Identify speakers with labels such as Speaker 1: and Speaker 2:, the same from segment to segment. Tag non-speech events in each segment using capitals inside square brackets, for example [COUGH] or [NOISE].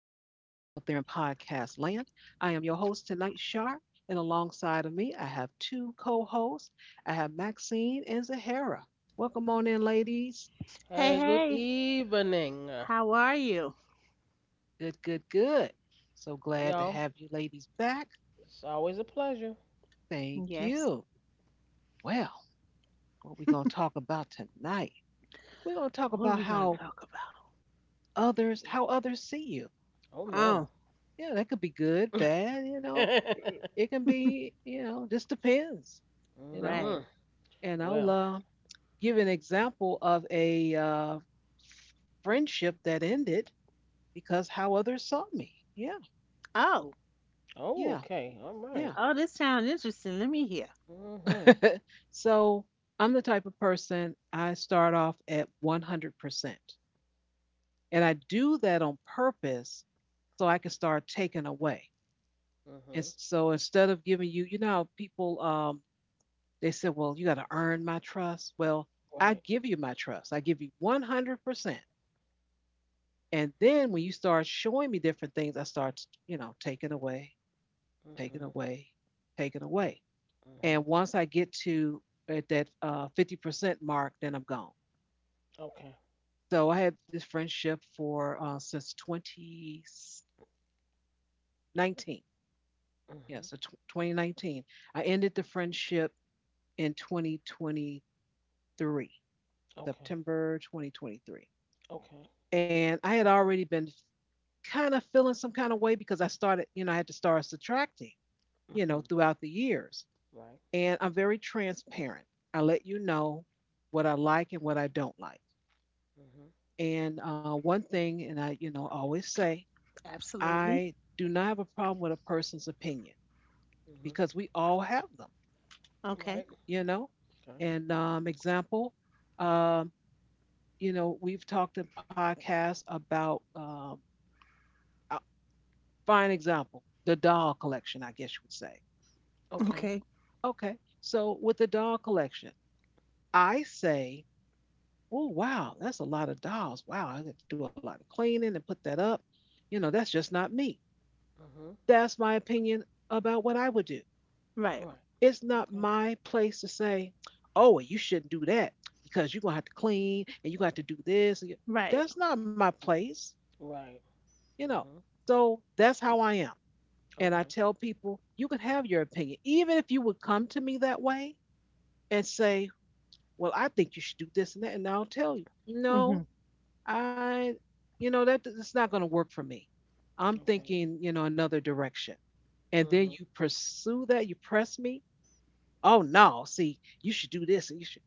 Speaker 1: podcast land. I am your host tonight, Shar, and alongside of me, I have two co hosts. I have Maxine and Zahara. Welcome on in, ladies.
Speaker 2: Hey,
Speaker 3: Hey,
Speaker 2: good
Speaker 3: hey,
Speaker 2: evening,
Speaker 3: how are you?
Speaker 1: Good, good, good. So glad to
Speaker 2: y'all.
Speaker 1: have you ladies back.
Speaker 2: It's always a pleasure.
Speaker 1: Thank
Speaker 3: Yes.
Speaker 1: you. Well, what we going to talk about tonight? We're going to talk
Speaker 3: What are
Speaker 1: about
Speaker 3: we going to
Speaker 1: how
Speaker 3: talk about?
Speaker 1: others see you.
Speaker 2: Oh no.
Speaker 3: Oh,
Speaker 1: Yeah, that could be good, bad, you know. It,
Speaker 2: [LAUGHS]
Speaker 1: it can be, you know, just depends, you know.
Speaker 3: right.
Speaker 2: Mhm.
Speaker 1: And I'll
Speaker 2: Well.
Speaker 1: uh, give an example of a friendship that ended because how others saw me. Yeah,
Speaker 3: Oh,
Speaker 2: Oh,
Speaker 1: yeah,
Speaker 2: okay. All
Speaker 1: yeah.
Speaker 2: right.
Speaker 3: oh, this sounds interesting. Let me hear.
Speaker 2: Mhm.
Speaker 1: So I'm the type of person. I start off at 100%. And I do that on purpose so I can start taking away. And
Speaker 2: Mhm.
Speaker 1: so instead of giving you, you know, how people, they said, well, you got to earn my trust. Well, I
Speaker 2: Right.
Speaker 1: give you my trust. I give you 100%. And then when you start showing me different things, I start, you know, taking away,
Speaker 2: Mhm.
Speaker 1: taking away, taking away. And
Speaker 2: Mhm.
Speaker 1: once I get to at that 50% mark, then I'm gone.
Speaker 2: Okay.
Speaker 1: So I had this friendship for since 2019. Yeah, so
Speaker 2: Mhm.
Speaker 1: 2019. I ended the friendship in 2023,
Speaker 2: Okay.
Speaker 1: September 2023.
Speaker 2: Okay.
Speaker 1: And I had already been kind of feeling some kind of way because I started, you know, I had to start subtracting, you know,
Speaker 2: Mhm.
Speaker 1: throughout the years.
Speaker 2: Right.
Speaker 1: And I'm very transparent. I let you know what I like and what I don't like.
Speaker 2: Mhm.
Speaker 1: And one thing, and I, you know, always say,
Speaker 3: Absolutely.
Speaker 1: I do not have a problem with a person's opinion
Speaker 2: Mhm.
Speaker 1: because we all have them,
Speaker 3: Okay,
Speaker 2: Right.
Speaker 1: you know.
Speaker 2: Okay.
Speaker 1: And example, um, you know, we've talked in podcasts about a fine example, the doll collection, I guess you would say.
Speaker 2: Okay.
Speaker 3: okay.
Speaker 1: Okay, so with the doll collection, I say, oh, wow, that's a lot of dolls. Wow, I have to do a lot of cleaning and put that up. You know, that's just not me.
Speaker 2: Mhm.
Speaker 1: That's my opinion about what I would do.
Speaker 3: Right,
Speaker 2: Right.
Speaker 1: It's not
Speaker 2: Okay.
Speaker 1: my place to say, oh, well, you shouldn't do that because you're going to have to clean and you got to do this. And
Speaker 3: right.
Speaker 1: that's not my
Speaker 2: Mhm.
Speaker 1: place,
Speaker 2: Right.
Speaker 1: you know.
Speaker 2: Mhm.
Speaker 1: So that's how I am. And I
Speaker 2: Okay.
Speaker 1: tell people, you can have your opinion. Even if you would come to me that way and say, well, I think you should do this and that, and I'll tell you,
Speaker 3: Mm-hmm,
Speaker 1: no, I, you know, that's not going to work for me. I'm
Speaker 2: Okay.
Speaker 1: thinking, you know, another direction. And then you
Speaker 2: Mhm.
Speaker 1: pursue that, you press me. Oh no, see, you should do this and you should.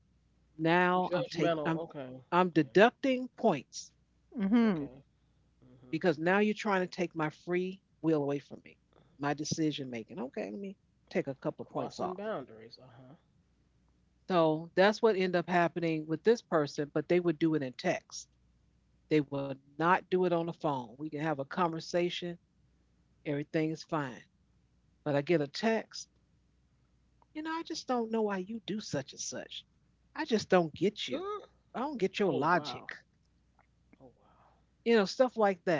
Speaker 1: Now I'm taking,
Speaker 2: Judgmental. Okay.
Speaker 1: I'm
Speaker 2: Yeah.
Speaker 1: deducting points
Speaker 3: mm-hmm.
Speaker 2: Okay.
Speaker 1: because
Speaker 2: Mhm.
Speaker 1: now you're trying to take my free will away from me, my decision making. Okay, let me take a couple of points off.
Speaker 2: Crossing boundaries, uh-huh.
Speaker 1: So that's what ended up happening with this person, but they would do it in text. They would not do it on the phone. We can have a conversation, everything is fine. But I get a text, you know, I just don't know why you do such and such. I just don't get you.
Speaker 2: Mm.
Speaker 1: I don't get
Speaker 2: Oh
Speaker 1: your logic,
Speaker 2: wow. Oh
Speaker 1: you know, stuff like that.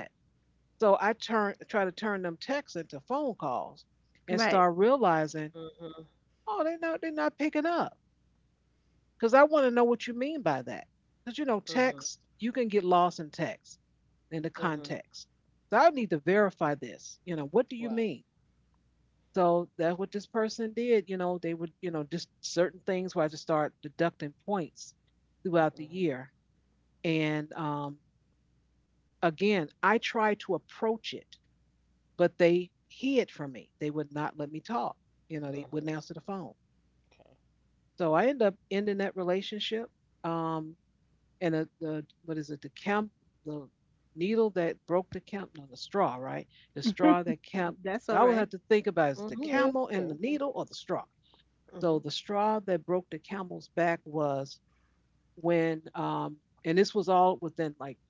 Speaker 1: So I turn try to turn them texts into phone calls and
Speaker 3: Right.
Speaker 1: start realizing,
Speaker 2: wow. Mhm.
Speaker 1: oh, they're not picking up because I want to know what you mean by that. Because you know,
Speaker 2: Mhm.
Speaker 1: text you can get lost in text in the
Speaker 2: Mhm.
Speaker 1: context. So I need to verify this. You know, what do you
Speaker 2: Right.
Speaker 1: mean? So that's what this person did. You know, they would, you know, just certain things where I just start deducting points throughout the
Speaker 2: Mhm.
Speaker 1: year. And again, I tried to approach it, but they hid from me. They would not let me talk. You know, they
Speaker 2: Mhm.
Speaker 1: wouldn't answer the phone.
Speaker 2: Okay.
Speaker 1: So I ended up ending that relationship. Um, and a the what is it? The needle that broke the camp, no, the straw, right? The straw
Speaker 2: Mhm.
Speaker 1: that camp.
Speaker 3: Mm, that's
Speaker 1: I
Speaker 3: all
Speaker 1: always
Speaker 3: right.
Speaker 1: have to think about, is it
Speaker 2: Mhm.
Speaker 1: the
Speaker 2: Yeah. Yeah,
Speaker 1: camel
Speaker 2: you
Speaker 1: and the
Speaker 2: go.
Speaker 1: needle or the straw?
Speaker 2: Mhm.
Speaker 1: So the straw that broke the camel's back was when, and this was all within like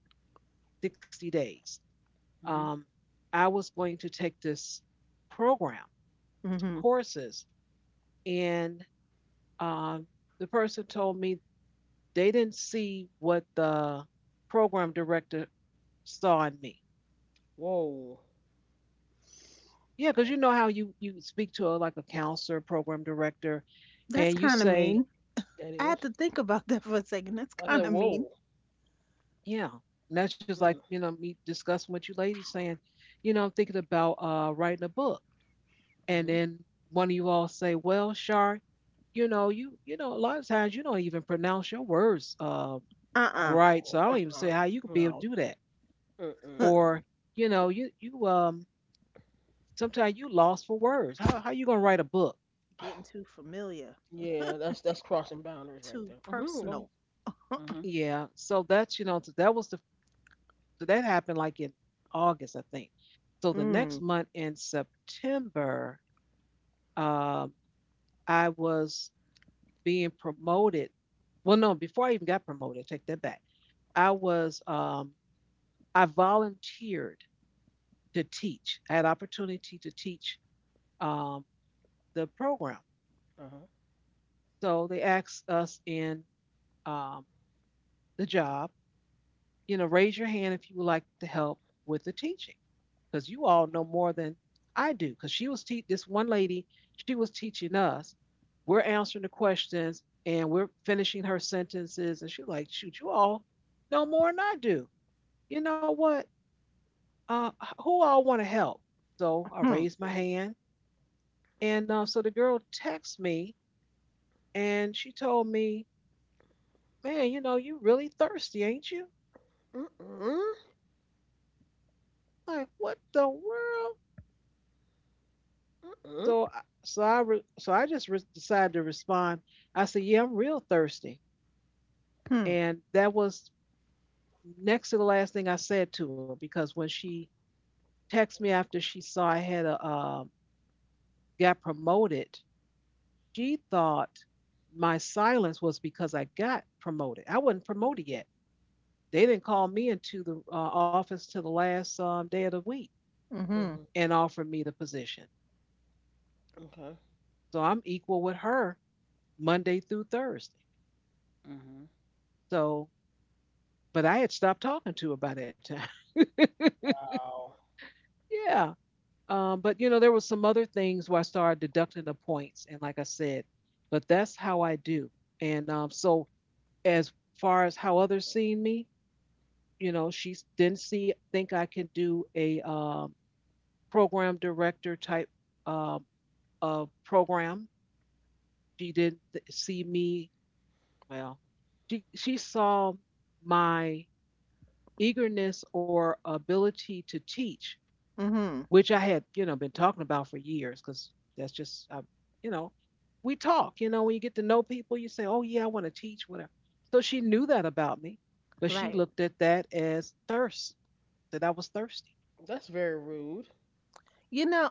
Speaker 1: 60 days.
Speaker 2: Mhm.
Speaker 1: Um, I was going to take this program, some
Speaker 3: Mm-hmm.
Speaker 1: courses, and um, the person told me they didn't see what the program director saw in me.
Speaker 2: Whoa.
Speaker 1: Yeah, because
Speaker 2: Okay.
Speaker 1: you know how you speak to a, like a counselor, program director,
Speaker 3: That's
Speaker 1: and you
Speaker 3: kind of
Speaker 1: say,
Speaker 3: mean.
Speaker 2: That
Speaker 3: I had
Speaker 2: is.
Speaker 3: to think about that for a second. That's
Speaker 2: I said
Speaker 3: kind of mean.
Speaker 2: whoa.
Speaker 1: yeah. And that's just like,
Speaker 2: Mm.
Speaker 1: you know, me discussing what you ladies saying, you know, I'm thinking about writing a book. And
Speaker 2: Mhm.
Speaker 1: then one of you all say, well, Shar, you know, you know, a lot of times you don't even pronounce your words
Speaker 3: Uh-uh.
Speaker 1: right.
Speaker 2: Oh.
Speaker 1: So I don't even
Speaker 2: Uh-uh.
Speaker 1: say how you could be able
Speaker 2: No.
Speaker 1: to do that.
Speaker 2: Mm-mm.
Speaker 3: [LAUGHS]
Speaker 1: Or, you know,
Speaker 3: Get,
Speaker 1: you sometimes you lost for words. How you gonna write a book?
Speaker 3: getting
Speaker 2: [SIGHS]
Speaker 3: too familiar,
Speaker 2: Yeah. That's crossing boundaries right
Speaker 3: too
Speaker 2: there. Mhm. Go ahead.
Speaker 3: personal.
Speaker 2: Mhm.
Speaker 1: Yeah. So that's you know, so that was the, so that happened like in August, I think. So the
Speaker 3: Mm.
Speaker 1: next month in September, um I was being promoted. Well, no, before I even got promoted, take that back. I was I volunteered to teach. I had opportunity to teach um, the program.
Speaker 2: Uh huh.
Speaker 1: So they asked us in um, the job, you know, raise your hand if you would like to help with the teaching, because you all know more than I do. Because this one lady, she was teaching us. We're answering the questions and we're finishing her sentences, and she's like, shoot, you all know more than I do. You know what? Uh, who all want to help? So I
Speaker 3: Hmm.
Speaker 1: raised my
Speaker 2: Okay.
Speaker 1: hand. And so the girl texted me and she told me, man, you know, you really thirsty, ain't you?
Speaker 2: Mhm. Mhm.
Speaker 1: Like, what the world?
Speaker 2: Mhm.
Speaker 1: So I, re- so I just re- decided to respond. I said, yeah, I'm real thirsty.
Speaker 3: Hmm.
Speaker 1: And that was next to the last thing I said to her because when she texted me after she saw I had a, got promoted, she thought my silence was because I got promoted. I wasn't promoted yet. They didn't call me into the office till the last day of the week
Speaker 3: Mm-hmm.
Speaker 2: Mhm.
Speaker 1: and offer me the position.
Speaker 2: Okay.
Speaker 1: So I'm equal with her Monday through Thursday.
Speaker 2: Mhm.
Speaker 1: So, but I had stopped talking to her by that time.
Speaker 2: Wow.
Speaker 1: [LAUGHS] Yeah. But you know, there was some other things where I started deducting the points, and like I said, but that's how I do. And so, as far as how others see me, you know, she didn't see think I can do a program director type um, of program. She didn't see me. Well, she saw my eagerness or ability to teach,
Speaker 3: Mm-hmm.
Speaker 1: which I had, you know, been talking about for years. Because that's just I, you know, we talk, you know, when you get to know people, you say, oh yeah, I want to teach whatever. So she knew that about me, but she
Speaker 3: Right.
Speaker 2: Mm-hmm.
Speaker 1: looked at that as thirst, that I was thirsty.
Speaker 2: That's very rude.
Speaker 3: You know,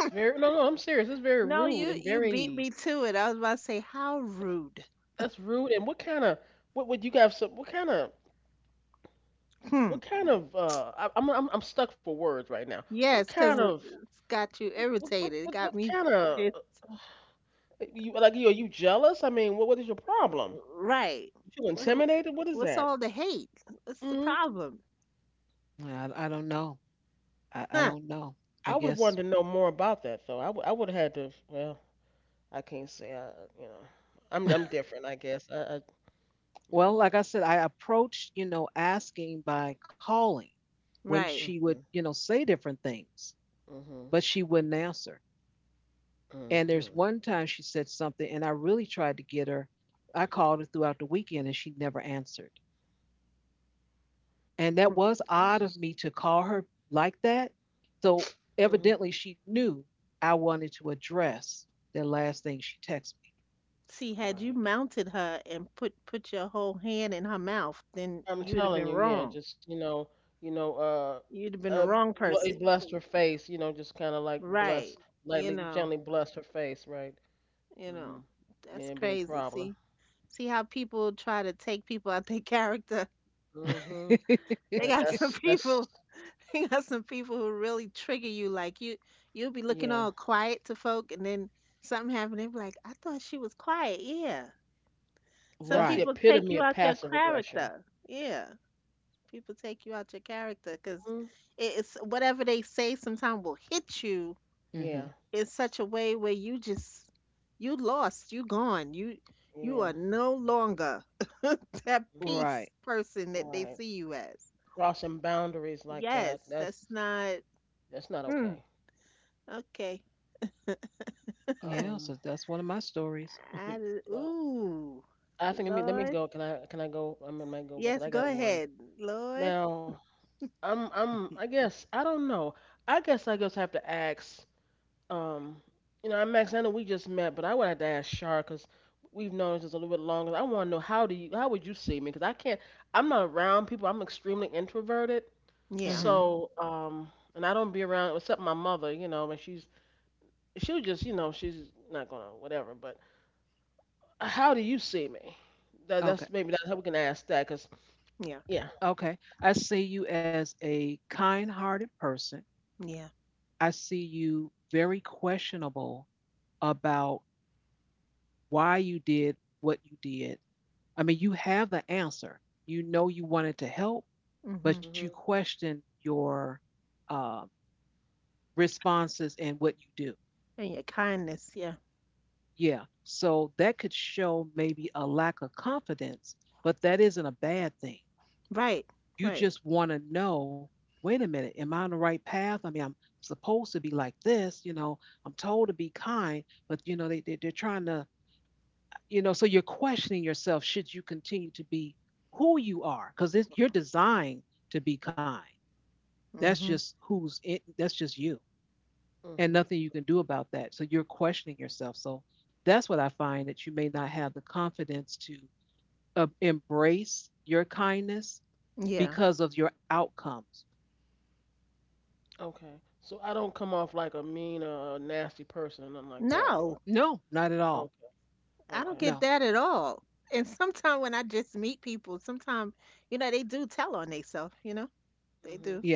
Speaker 2: It's very no, no. I'm serious. It's very
Speaker 3: No,
Speaker 2: rude
Speaker 3: you
Speaker 2: and
Speaker 3: you beat
Speaker 2: very
Speaker 3: me to it. I was about to say how rude.
Speaker 2: that's rude. And what kind of what would you guys?
Speaker 3: Hmm.
Speaker 2: What kind of I, I'm stuck for words right now. What
Speaker 3: Yes,
Speaker 2: kind
Speaker 3: 'cause
Speaker 2: of
Speaker 3: it's got you
Speaker 2: what
Speaker 3: irritated. It
Speaker 2: what
Speaker 3: got me
Speaker 2: kind of
Speaker 3: pissed.
Speaker 2: you like? You are you jealous? I mean, what is your problem?
Speaker 3: Right.
Speaker 2: You feel
Speaker 3: What,
Speaker 2: intimidated? What is
Speaker 3: what's
Speaker 2: that?
Speaker 3: all the hate? What's the
Speaker 2: Hmm.
Speaker 3: problem?
Speaker 1: Well, I don't know. I
Speaker 3: Huh?
Speaker 1: don't know. I
Speaker 2: I would have
Speaker 1: guess.
Speaker 2: wanted to know more about that though. I would have had to. Well, I can't say. I You know, I'm different. I guess. I You
Speaker 1: Well,
Speaker 2: know.
Speaker 1: like I said, I approached, you know, asking by calling when
Speaker 3: Right.
Speaker 1: she would,
Speaker 2: Hmm.
Speaker 1: you know, say different things,
Speaker 2: Hmm.
Speaker 1: but she wouldn't answer. And there's
Speaker 2: Hmm.
Speaker 1: one time she said something, and I really tried to get her. I called her throughout the weekend, and she never answered. And that
Speaker 2: That's just
Speaker 1: was odd of me to call her like that. So
Speaker 2: mhm,
Speaker 1: evidently, she knew I wanted to address the last thing she texted
Speaker 3: See, had you
Speaker 2: right.
Speaker 3: mounted her and put your whole hand in her mouth, then
Speaker 2: I'm
Speaker 3: you would have
Speaker 2: telling
Speaker 3: been
Speaker 2: you, yeah,
Speaker 3: wrong.
Speaker 2: just you know,
Speaker 3: You'd have been
Speaker 2: uh,
Speaker 3: the wrong
Speaker 2: it
Speaker 3: person.
Speaker 2: blessed her face, you know, just kind of like bless,
Speaker 3: Right. You
Speaker 2: lightly,
Speaker 3: know,
Speaker 2: gently blessed her face, right?
Speaker 3: you know.
Speaker 2: Mhm.
Speaker 3: That's
Speaker 2: Then been a
Speaker 3: crazy.
Speaker 2: problem.
Speaker 3: See? See how people try to take people out their [LAUGHS] character?
Speaker 2: Mhm.
Speaker 1: me.
Speaker 3: They
Speaker 2: That,
Speaker 1: [LAUGHS]
Speaker 3: got some
Speaker 2: that's that's
Speaker 3: people. [LAUGHS] They got some people who really trigger you. Like you, you'll be looking
Speaker 2: yeah.
Speaker 3: all quiet to folk, and then something happened. They be like, "I thought she was quiet." Yeah. Some
Speaker 2: That's the
Speaker 1: Right.
Speaker 3: people take
Speaker 2: epitome
Speaker 3: you
Speaker 2: of
Speaker 3: out your
Speaker 2: passive aggression.
Speaker 3: character. Yeah. People take you out your character because
Speaker 2: Mhm.
Speaker 3: it's whatever they say. Sometimes will hit you
Speaker 2: Yeah.
Speaker 1: Hmm.
Speaker 3: in such a way where you just, you lost. You gone. You
Speaker 2: Yeah.
Speaker 3: are no longer [LAUGHS] that
Speaker 2: Mhm.
Speaker 3: peace
Speaker 1: Right.
Speaker 3: person that they
Speaker 2: Right.
Speaker 3: see you as.
Speaker 2: Crossing boundaries like that.
Speaker 3: Yes, that's not.
Speaker 2: That's not
Speaker 3: hmm.
Speaker 2: okay.
Speaker 3: Okay.
Speaker 1: Yeah,
Speaker 2: Um.
Speaker 1: so that's one of my stories.
Speaker 3: Ooh,
Speaker 2: I think let me
Speaker 3: Lord.
Speaker 2: go. Can I go? I might go because
Speaker 3: Yes,
Speaker 2: I
Speaker 3: go
Speaker 2: got one.
Speaker 3: ahead, Lord.
Speaker 2: Now I guess I don't know. I guess I just have to ask. Um, you know, Max. I know we just met, but I would have to ask Shar because we've known each other a little bit longer. I want to know how would you see me? Because I can't. I'm not around people. I'm extremely introverted.
Speaker 3: Yeah,
Speaker 1: Mm-hmm.
Speaker 2: So and I don't be around except my mother. You know, and she'll just you know she's not gonna whatever. But how do you see me? That
Speaker 1: Okay.
Speaker 2: that's maybe that's how we can ask that, 'cause
Speaker 3: yeah,
Speaker 2: yeah.
Speaker 1: Okay. I see you as a kind hearted person.
Speaker 3: yeah.
Speaker 1: I see you very questionable about why you did what you did. I mean, you have the answer. You know you wanted to help,
Speaker 3: Mm-hmm.
Speaker 1: but you
Speaker 2: Mhm.
Speaker 1: question your um, responses and what you do.
Speaker 3: And your kindness. Yeah.
Speaker 1: Yeah. So that could show maybe a lack of confidence, but that isn't a bad thing.
Speaker 3: Right,
Speaker 1: You
Speaker 3: right.
Speaker 1: just want to know, wait a minute, am I on the right path? I mean, I'm supposed to be like this, you know, I'm told to be kind, but you know, they they're trying to, you know, so you're questioning yourself, should you continue to be who you are? Because you're designed to be kind. That's
Speaker 3: Mm-hmm.
Speaker 1: just that's just you and
Speaker 2: Mhm.
Speaker 1: nothing you can do about that. So you're questioning yourself. So that's what I find that you may not have the confidence to embrace your kindness
Speaker 3: Yeah.
Speaker 1: because of your outcomes.
Speaker 2: Okay. So I don't come off like a mean or a nasty person or nothing like that, do
Speaker 3: No,
Speaker 2: I?
Speaker 1: No, not at all.
Speaker 2: Okay.
Speaker 3: I don't
Speaker 2: Okay.
Speaker 3: get
Speaker 1: No.
Speaker 3: that at all. And sometimes when I just meet people, sometimes, they do tell on themselves, they
Speaker 2: Mhm.
Speaker 3: do.
Speaker 1: Yeah.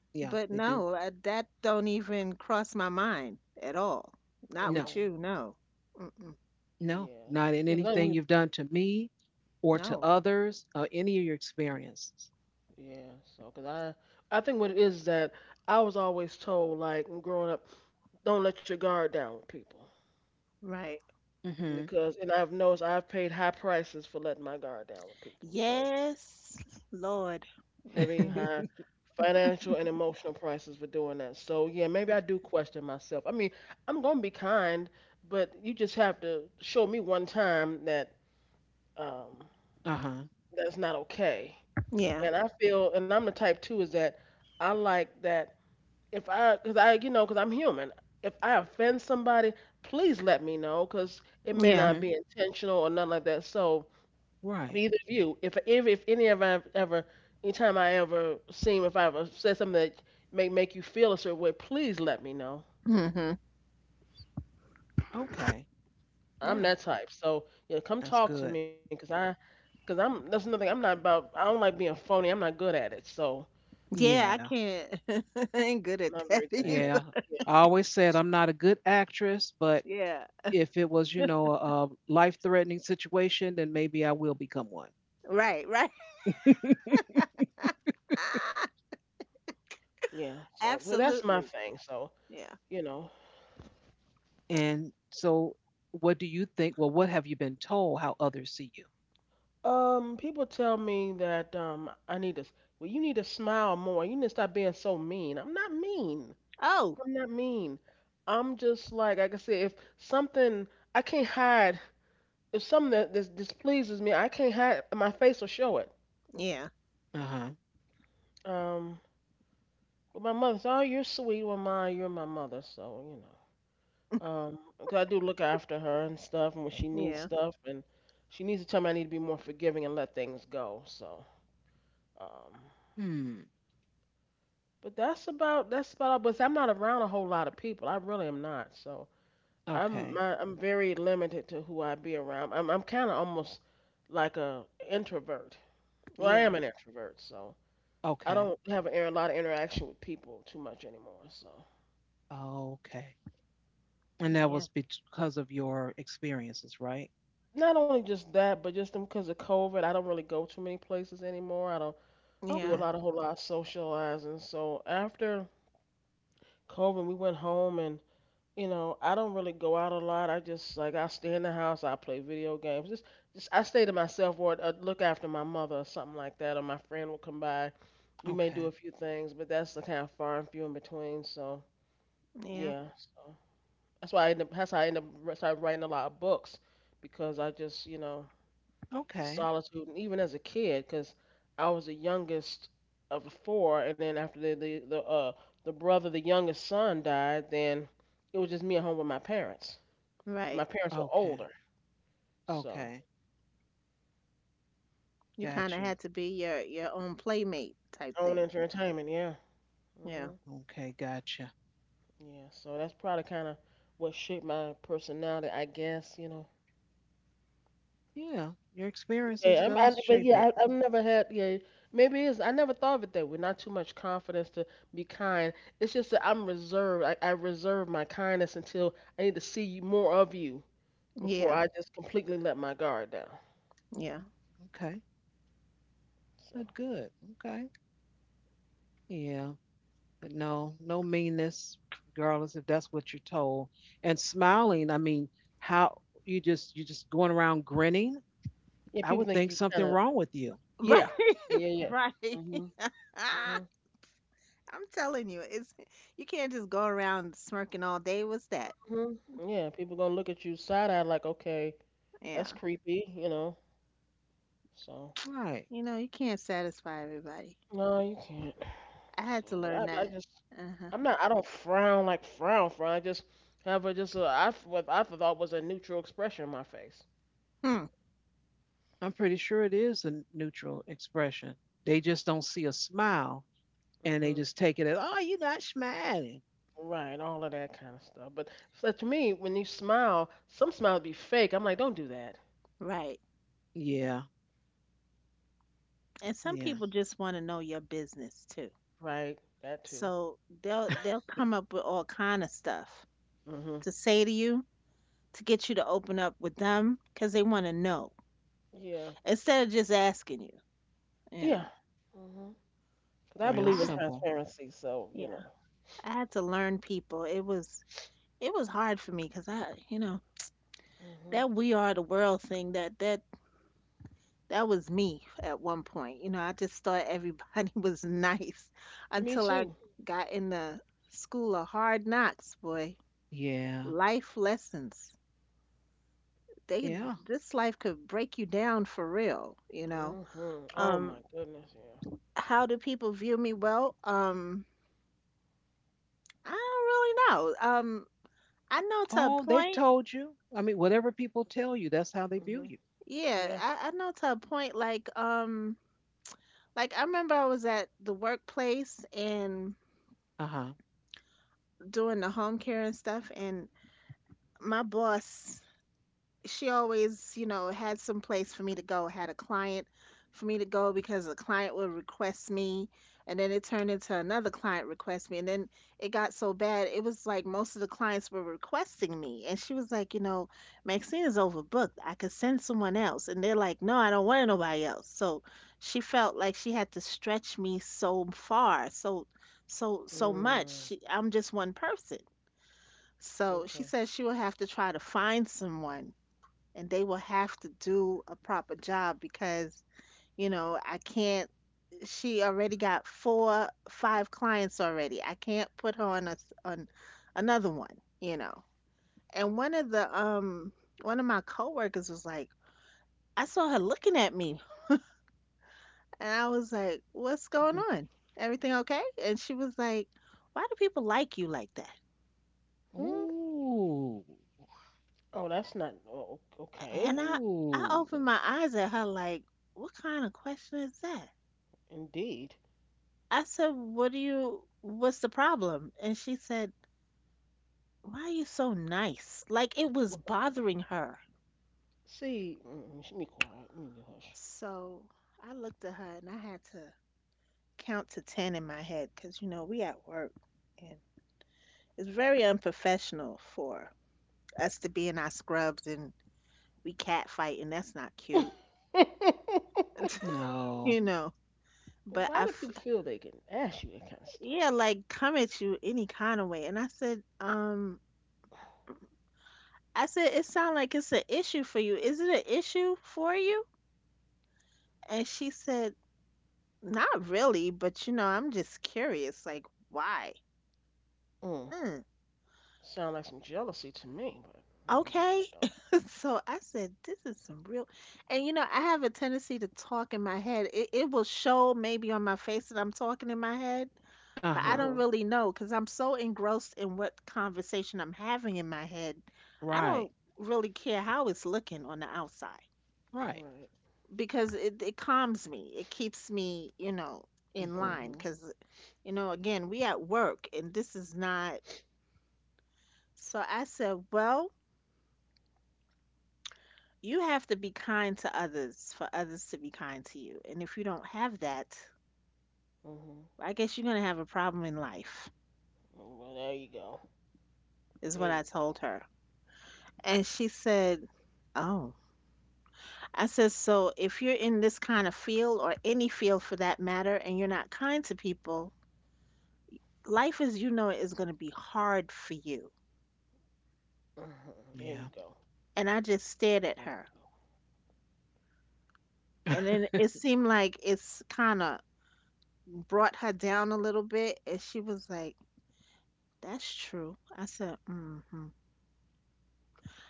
Speaker 1: Yeah, they
Speaker 3: But
Speaker 1: do.
Speaker 3: no, that don't even cross my mind at all. Not
Speaker 1: No.
Speaker 3: with
Speaker 2: Okay.
Speaker 3: you, no. Mm-mm.
Speaker 1: No,
Speaker 2: Yeah.
Speaker 1: not in
Speaker 2: Yeah, 'cause I think
Speaker 1: anything
Speaker 2: we.
Speaker 1: you've done to me or to
Speaker 3: No.
Speaker 1: others or any of your experiences.
Speaker 2: Yeah. So, 'cause I think what it is that I was always told, like growing up, don't let your guard down with people.
Speaker 3: Right.
Speaker 1: Mhm.
Speaker 2: Because, and I've noticed I've paid high prices for letting my guard down with people. So,
Speaker 3: Yes, Lord.
Speaker 2: heavy,
Speaker 3: Mm-mm.
Speaker 2: high
Speaker 1: [LAUGHS]
Speaker 2: financial and emotional prices for doing that. So yeah, maybe I do question myself. I mean, I'm gonna be kind, but you just have to show me one time that um,
Speaker 1: Uh-huh.
Speaker 2: that's not okay.
Speaker 3: Yeah,
Speaker 2: And I feel, and I'm the type too, is that I like that if I, cause you know, cause I'm human. If I offend somebody, please let me know, cause it may
Speaker 3: yeah.
Speaker 2: not
Speaker 1: Mhm.
Speaker 2: be intentional or nothing like that. So
Speaker 1: Right.
Speaker 2: either of you, if any of I've ever, anytime I ever seem if I ever said something that may make you feel a certain way, please let me know.
Speaker 3: Hmm.
Speaker 1: Okay.
Speaker 2: I'm
Speaker 1: Yeah,
Speaker 2: that type, so yeah, come
Speaker 1: that's
Speaker 2: talk to
Speaker 1: good.
Speaker 2: me, cause I'm that's another thing. I'm not about. I don't like being phony. I'm not good at it, so
Speaker 3: Yeah, I
Speaker 1: Yeah.
Speaker 3: can't. [LAUGHS] I ain't good
Speaker 2: I'm
Speaker 3: at
Speaker 2: not very
Speaker 3: that [LAUGHS]
Speaker 2: good at it.
Speaker 3: either.
Speaker 1: Yeah.
Speaker 2: Yeah,
Speaker 1: I always said I'm not a good actress, but
Speaker 3: Yeah,
Speaker 1: if it was, a life-threatening situation, then maybe I will become one.
Speaker 3: right, right. [LAUGHS]
Speaker 1: [LAUGHS]
Speaker 3: Ah,
Speaker 2: yeah. So that's my
Speaker 3: absolutely.
Speaker 2: thing. So
Speaker 3: Yeah.
Speaker 2: you know,
Speaker 1: And So what do you think? Well, what have you been told how others see you?
Speaker 2: people tell me that I need to. Well, you need to smile more. You need to stop being so mean. I'm not mean.
Speaker 3: Oh,
Speaker 2: I'm not mean. Like I said, if something I can't hide, if something that this displeases me, I can't hide my face or show it.
Speaker 3: yeah,
Speaker 1: Uh-huh.
Speaker 2: Um, with my mother, so, oh, you're sweet. Well, my, you're my mother, so you know. Um, 'Cause I do look after her and stuff, and when she needs
Speaker 3: yeah,
Speaker 2: stuff, and she needs to tell me I need to be more forgiving and let things go. So, um,
Speaker 1: Hmm.
Speaker 2: but that's about all. But I'm not around a whole lot of people. I really am not. So,
Speaker 1: Okay.
Speaker 2: I'm very limited to who I be around. I'm kind of almost like a introvert. Well, I
Speaker 3: yeah,
Speaker 2: am an introvert, so I don't
Speaker 1: Okay.
Speaker 2: have a lot of interaction with people too much anymore. So
Speaker 1: Okay. And that
Speaker 3: yeah,
Speaker 1: was because of your experiences, right?
Speaker 2: not only just that, but just because of COVID, I don't really go too many places anymore. I don't do a
Speaker 3: yeah,
Speaker 2: lot
Speaker 1: Okay.
Speaker 2: of whole lot of socializing. So after COVID, we went home and you know, I don't really go out a lot. I just like I stay in the house. I play video games. Just I stay to myself or look after my mother or something like that. Or my friend will come by. We may do a
Speaker 1: Okay.
Speaker 2: few things, but that's the kind of far and few in between. So
Speaker 3: yeah.
Speaker 2: yeah, so that's how I end up started writing a lot of books because I just you know the
Speaker 1: Okay.
Speaker 2: solitude. And even as a kid, because I was the youngest of the four, and then after the brother, the youngest son died, then it was just me at home with my parents.
Speaker 3: Right.
Speaker 2: My parents were older,
Speaker 1: Okay.
Speaker 2: so
Speaker 1: Okay.
Speaker 3: You kind of
Speaker 1: Got
Speaker 3: had to
Speaker 1: you.
Speaker 3: be your own playmate type
Speaker 2: own
Speaker 3: thing.
Speaker 2: entertainment, yeah.
Speaker 3: Yeah,
Speaker 2: Mhm.
Speaker 1: Okay. Gotcha.
Speaker 2: Yeah, so that's probably kind of what shaped my personality, I guess, you know.
Speaker 1: Yeah. Your
Speaker 2: Yeah,
Speaker 1: experiences does
Speaker 2: but
Speaker 1: shape
Speaker 2: yeah,
Speaker 1: it.
Speaker 2: I've never had. Yeah, maybe it is. I never thought of it that way. Not too much confidence to be kind. It's just that I'm reserved. I reserve my kindness until I need to see you more of you
Speaker 3: yeah,
Speaker 2: before I just completely let my guard down.
Speaker 3: yeah.
Speaker 1: Okay.
Speaker 2: So
Speaker 1: Good. Good. Okay. Yeah. But no, no meanness, regardless if that's what you're told. And smiling, I mean, how you just going around grinning,
Speaker 2: yeah,
Speaker 1: I
Speaker 2: people
Speaker 1: would
Speaker 2: think
Speaker 1: think
Speaker 2: you
Speaker 1: something
Speaker 2: kind of
Speaker 1: wrong with you.
Speaker 3: Right,
Speaker 2: yeah,
Speaker 3: [LAUGHS]
Speaker 2: yeah.
Speaker 3: right. [LAUGHS] Ah,
Speaker 2: Mhm.
Speaker 3: I'm telling you, it's you can't just go around smirking all day. What's that?
Speaker 2: Mhm. Yeah, people gonna look at you side eye like, okay,
Speaker 3: Yeah.
Speaker 2: that's creepy, you know. So
Speaker 1: Right.
Speaker 3: You know, you can't satisfy everybody.
Speaker 2: no, you can't.
Speaker 3: I
Speaker 2: So,
Speaker 3: had to
Speaker 2: but
Speaker 3: learn
Speaker 2: I
Speaker 3: that.
Speaker 2: just,
Speaker 3: Uh-huh.
Speaker 2: I'm not. I don't frown like frown frown. I just have a just a I what I thought was a neutral expression on my face.
Speaker 3: Hmm.
Speaker 1: I'm pretty sure it is a neutral expression. They just don't see a smile and they just
Speaker 2: Mhm.
Speaker 1: take it as, oh, you're not smiling.
Speaker 2: Right, all of that kind of stuff. But so to me, when you smile, some smiles be fake. I'm like, don't do that.
Speaker 3: Right.
Speaker 1: Yeah,
Speaker 3: And some
Speaker 1: yeah.
Speaker 3: people just want to know your business too.
Speaker 2: Right, that too.
Speaker 3: So they'll
Speaker 1: [LAUGHS]
Speaker 3: they'll come up with all kind of stuff
Speaker 2: Mhm.
Speaker 3: to say to you to get you to open up with them because they want to know
Speaker 2: Yeah.
Speaker 3: instead of just asking you. You
Speaker 2: Yeah.
Speaker 3: know.
Speaker 2: Mhm. 'Cause I
Speaker 3: Yeah.
Speaker 1: Real
Speaker 2: believe in
Speaker 1: simple.
Speaker 2: transparency, so you
Speaker 3: Yeah.
Speaker 2: know.
Speaker 3: I had to learn people. It was hard for me because I
Speaker 2: Mhm.
Speaker 3: that we are the world thing That was me at one point. You know, I just thought everybody [LAUGHS] was nice
Speaker 2: Me
Speaker 3: until
Speaker 2: too.
Speaker 3: I got in the school of hard knocks, boy.
Speaker 1: Yeah,
Speaker 3: Life lessons. They
Speaker 1: yeah.
Speaker 3: this life could break you down for real, you know.
Speaker 2: Mhm. Oh my
Speaker 3: Um
Speaker 2: goodness. Yeah.
Speaker 3: how do people view me? Well, I don't really know. I know to a
Speaker 1: Oh, they've
Speaker 3: point.
Speaker 1: told you. I mean, whatever people tell you, that's how they view
Speaker 2: Mhm.
Speaker 1: you.
Speaker 3: Yeah,
Speaker 2: Yeah.
Speaker 3: I know to a point like I remember I was at the workplace and
Speaker 1: Uh huh.
Speaker 3: doing the home care and stuff, and my boss, she always, had some place for me to go, had a client for me to go because a client would request me, and then it turned into another client request me, and then it got so bad it was like most of the clients were requesting me, and she was like, Maxine is overbooked. I could send someone else, and they're like, no, I don't want nobody else. So she felt like she had to stretch me so far, so much.
Speaker 2: Mm.
Speaker 3: I'm just one person, so
Speaker 2: Okay.
Speaker 3: she says she will have to try to find someone, and they will have to do a proper job because, you know, I can't, she already got four, five clients already. I can't put her on on another one. And one of my coworkers was like, I saw her looking at me. And I was like, what's going
Speaker 1: Mhm.
Speaker 3: on? Everything okay? And she was like, why do people like you like that?
Speaker 2: Hmm.
Speaker 1: Ooh,
Speaker 2: Oh, that's not. Oh,
Speaker 3: A-
Speaker 2: okay.
Speaker 3: And I I opened
Speaker 1: ooh.
Speaker 3: my eyes at her like, "What kind of question is that?"
Speaker 2: Indeed.
Speaker 3: I said, "What do you what's the problem?" And she said, "Why are you so nice?" Like it was
Speaker 2: Wha-.
Speaker 3: bothering her.
Speaker 2: See, mm, she be quiet. Let me do hush.
Speaker 3: So I looked at her and I had to count to 10 in my head because, we at work, and it's very unprofessional for us to be in our scrubs and we cat fight, and that's not cute,
Speaker 2: [LAUGHS]
Speaker 3: [LAUGHS] you
Speaker 1: No.
Speaker 3: know.
Speaker 2: But
Speaker 3: But
Speaker 2: why
Speaker 3: I
Speaker 2: do people feel they can ask you that kind of
Speaker 3: yeah,
Speaker 2: stuff?
Speaker 3: like come at you any kind of way. And I said, it sounds like it's an issue for you. Is it an issue for you? And she said, not really, but you know, I'm just curious, like why?
Speaker 2: Mm.
Speaker 3: Hmm.
Speaker 2: Sound like some jealousy to me, but mhm, what do
Speaker 3: Okay.
Speaker 2: I know?
Speaker 3: [LAUGHS] So I said, this is some real, and you know, I have a tendency to talk in my head. It will show maybe on my face that I'm talking in my head.
Speaker 1: Uh
Speaker 3: But I
Speaker 1: huh.
Speaker 3: don't
Speaker 2: Mhm.
Speaker 3: really know because I'm so engrossed in what conversation I'm having in my head. I
Speaker 2: Right.
Speaker 1: Right,
Speaker 3: don't really care how it's looking on the outside
Speaker 1: right.
Speaker 2: Right.
Speaker 3: because it calms me. It keeps me, in
Speaker 1: Hmm.
Speaker 3: line
Speaker 2: Mhm.
Speaker 3: because, you know, again, we at work and this is not. So I said, well, you have to be kind to others for others to be kind to you. And if you don't have that,
Speaker 2: Mhm.
Speaker 3: I guess you're going to have a problem in life,
Speaker 2: Well, there you go.
Speaker 3: is
Speaker 2: There
Speaker 3: what
Speaker 2: you
Speaker 3: I
Speaker 2: go.
Speaker 3: told her. And she said, oh. I says, so if you're in this kind of field or any field for that matter, and you're not kind to people, life as you know it is going to be hard for you.
Speaker 2: Mhm. There we go.
Speaker 1: Yeah.
Speaker 3: And I
Speaker 2: There we
Speaker 3: just stared at her. And then
Speaker 1: [LAUGHS]
Speaker 3: it seemed like it's kind of brought her down a little bit. And she was like, that's true. I said, mm-hmm.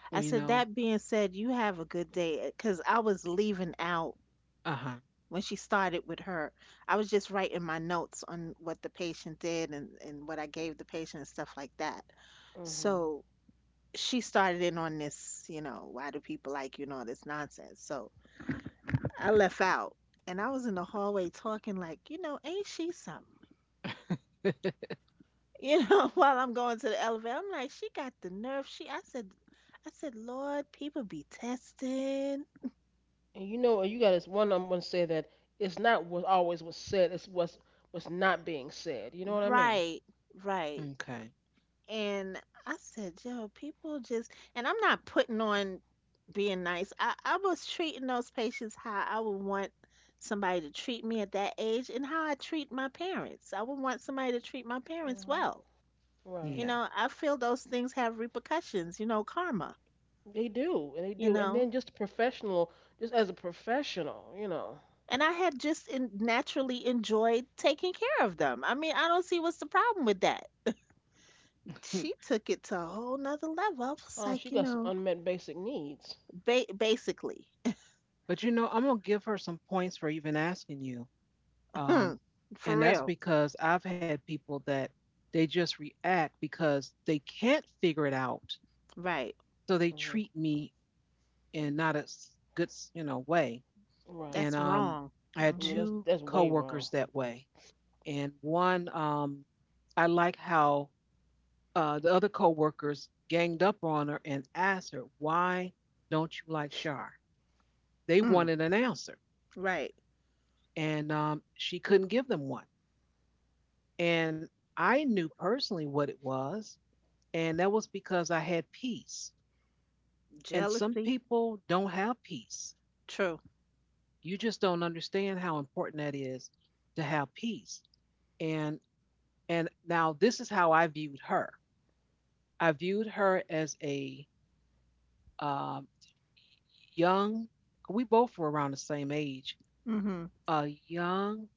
Speaker 1: Well,
Speaker 3: I said, that being said, you have a good day. Because I was leaving out
Speaker 1: uh huh.
Speaker 3: when she started with her. I was just writing my notes on what the patient did and what I gave the patient and stuff like that.
Speaker 2: go.
Speaker 3: So she started in on this, why do people like you and all this nonsense. So I left out and I was in the hallway talking like, ain't she something?
Speaker 1: [LAUGHS]
Speaker 3: You know, [LAUGHS] while I'm going to the elevator. I'm like, she got the nerve. She I said, Lord, people be testing.
Speaker 2: And you know, you got this one. I'm gonna say that it's not what always was said. It's what's not being said. You know what I mean?
Speaker 3: Right, right.
Speaker 1: Okay.
Speaker 3: And I said, yo, people just, and I'm not putting on being nice. I was treating those patients how I would want somebody to treat me at that age and how I treat my parents. I would want somebody to treat my parents
Speaker 2: Hmm.
Speaker 3: well.
Speaker 1: Yeah.
Speaker 2: Right.
Speaker 3: You know, I feel those things have repercussions, karma,
Speaker 2: They
Speaker 3: you
Speaker 2: do. And
Speaker 3: know.
Speaker 2: then just professional, just as a professional, you know,
Speaker 3: And I had just in, naturally enjoyed taking care of them. I mean, I don't see what's the problem with that.
Speaker 1: [LAUGHS]
Speaker 3: She took it to a whole nother level. I was
Speaker 2: she
Speaker 3: like, you
Speaker 2: got some
Speaker 3: know,
Speaker 2: unmet basic needs.
Speaker 3: basically.
Speaker 1: But you know, I'm gonna give her some points for even asking you. Um,
Speaker 3: Mm, for
Speaker 1: and that's
Speaker 3: real.
Speaker 1: because I've had people that they just react because they can't figure it out.
Speaker 3: Right.
Speaker 1: So they
Speaker 2: Hmm.
Speaker 1: treat me in not a good, you know, way.
Speaker 2: Right.
Speaker 1: And
Speaker 3: That's wrong.
Speaker 1: I had
Speaker 3: Mm-hmm.
Speaker 2: Yeah,
Speaker 1: two
Speaker 2: that's way
Speaker 1: coworkers
Speaker 2: wrong.
Speaker 1: that way. And one, I like how the other coworkers ganged up on her and asked her, "Why don't you like Shar?" They
Speaker 3: Mm,
Speaker 1: wanted an answer,
Speaker 3: right.
Speaker 1: and she couldn't give them one. And I knew personally what it was. And that was because I had peace. And some
Speaker 3: Jealousy.
Speaker 1: people don't have peace.
Speaker 3: True.
Speaker 1: You just don't understand how important that is to have peace. And and now this is how I viewed her. I viewed her as a um, young. We both were around the same age.
Speaker 3: Mm-hmm.
Speaker 1: A young,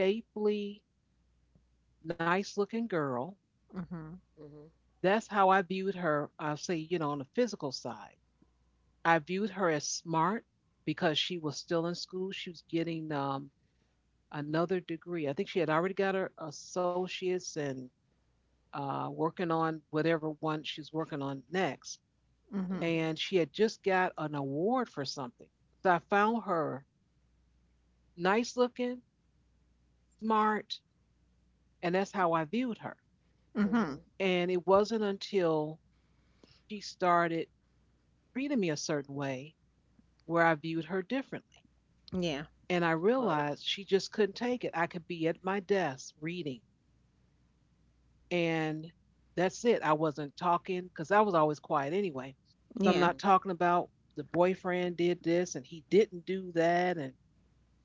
Speaker 1: shapely, nice-looking girl.
Speaker 3: Mm-hmm.
Speaker 2: Mhm.
Speaker 1: That's how I viewed her. I'll say, you know, on the physical side. I viewed her as smart because she was still in school. She was getting another degree. I think she had already got her associates and working on whatever one she's working on next.
Speaker 3: Mm-hmm.
Speaker 2: Mhm.
Speaker 1: And she had just got an award for something. So I found her nice looking, smart, and that's how I viewed her.
Speaker 3: Mm-hmm.
Speaker 2: Mhm.
Speaker 1: And it wasn't until she started treating me a certain way where I viewed her differently.
Speaker 3: Yeah.
Speaker 1: And I
Speaker 2: Right.
Speaker 1: realized she just couldn't take it. I could be at my desk reading, and that's it. I wasn't talking because I was always quiet anyway. So I'm
Speaker 3: Yeah.
Speaker 1: not
Speaker 2: Mhm.
Speaker 1: talking about the boyfriend did this and he didn't do that and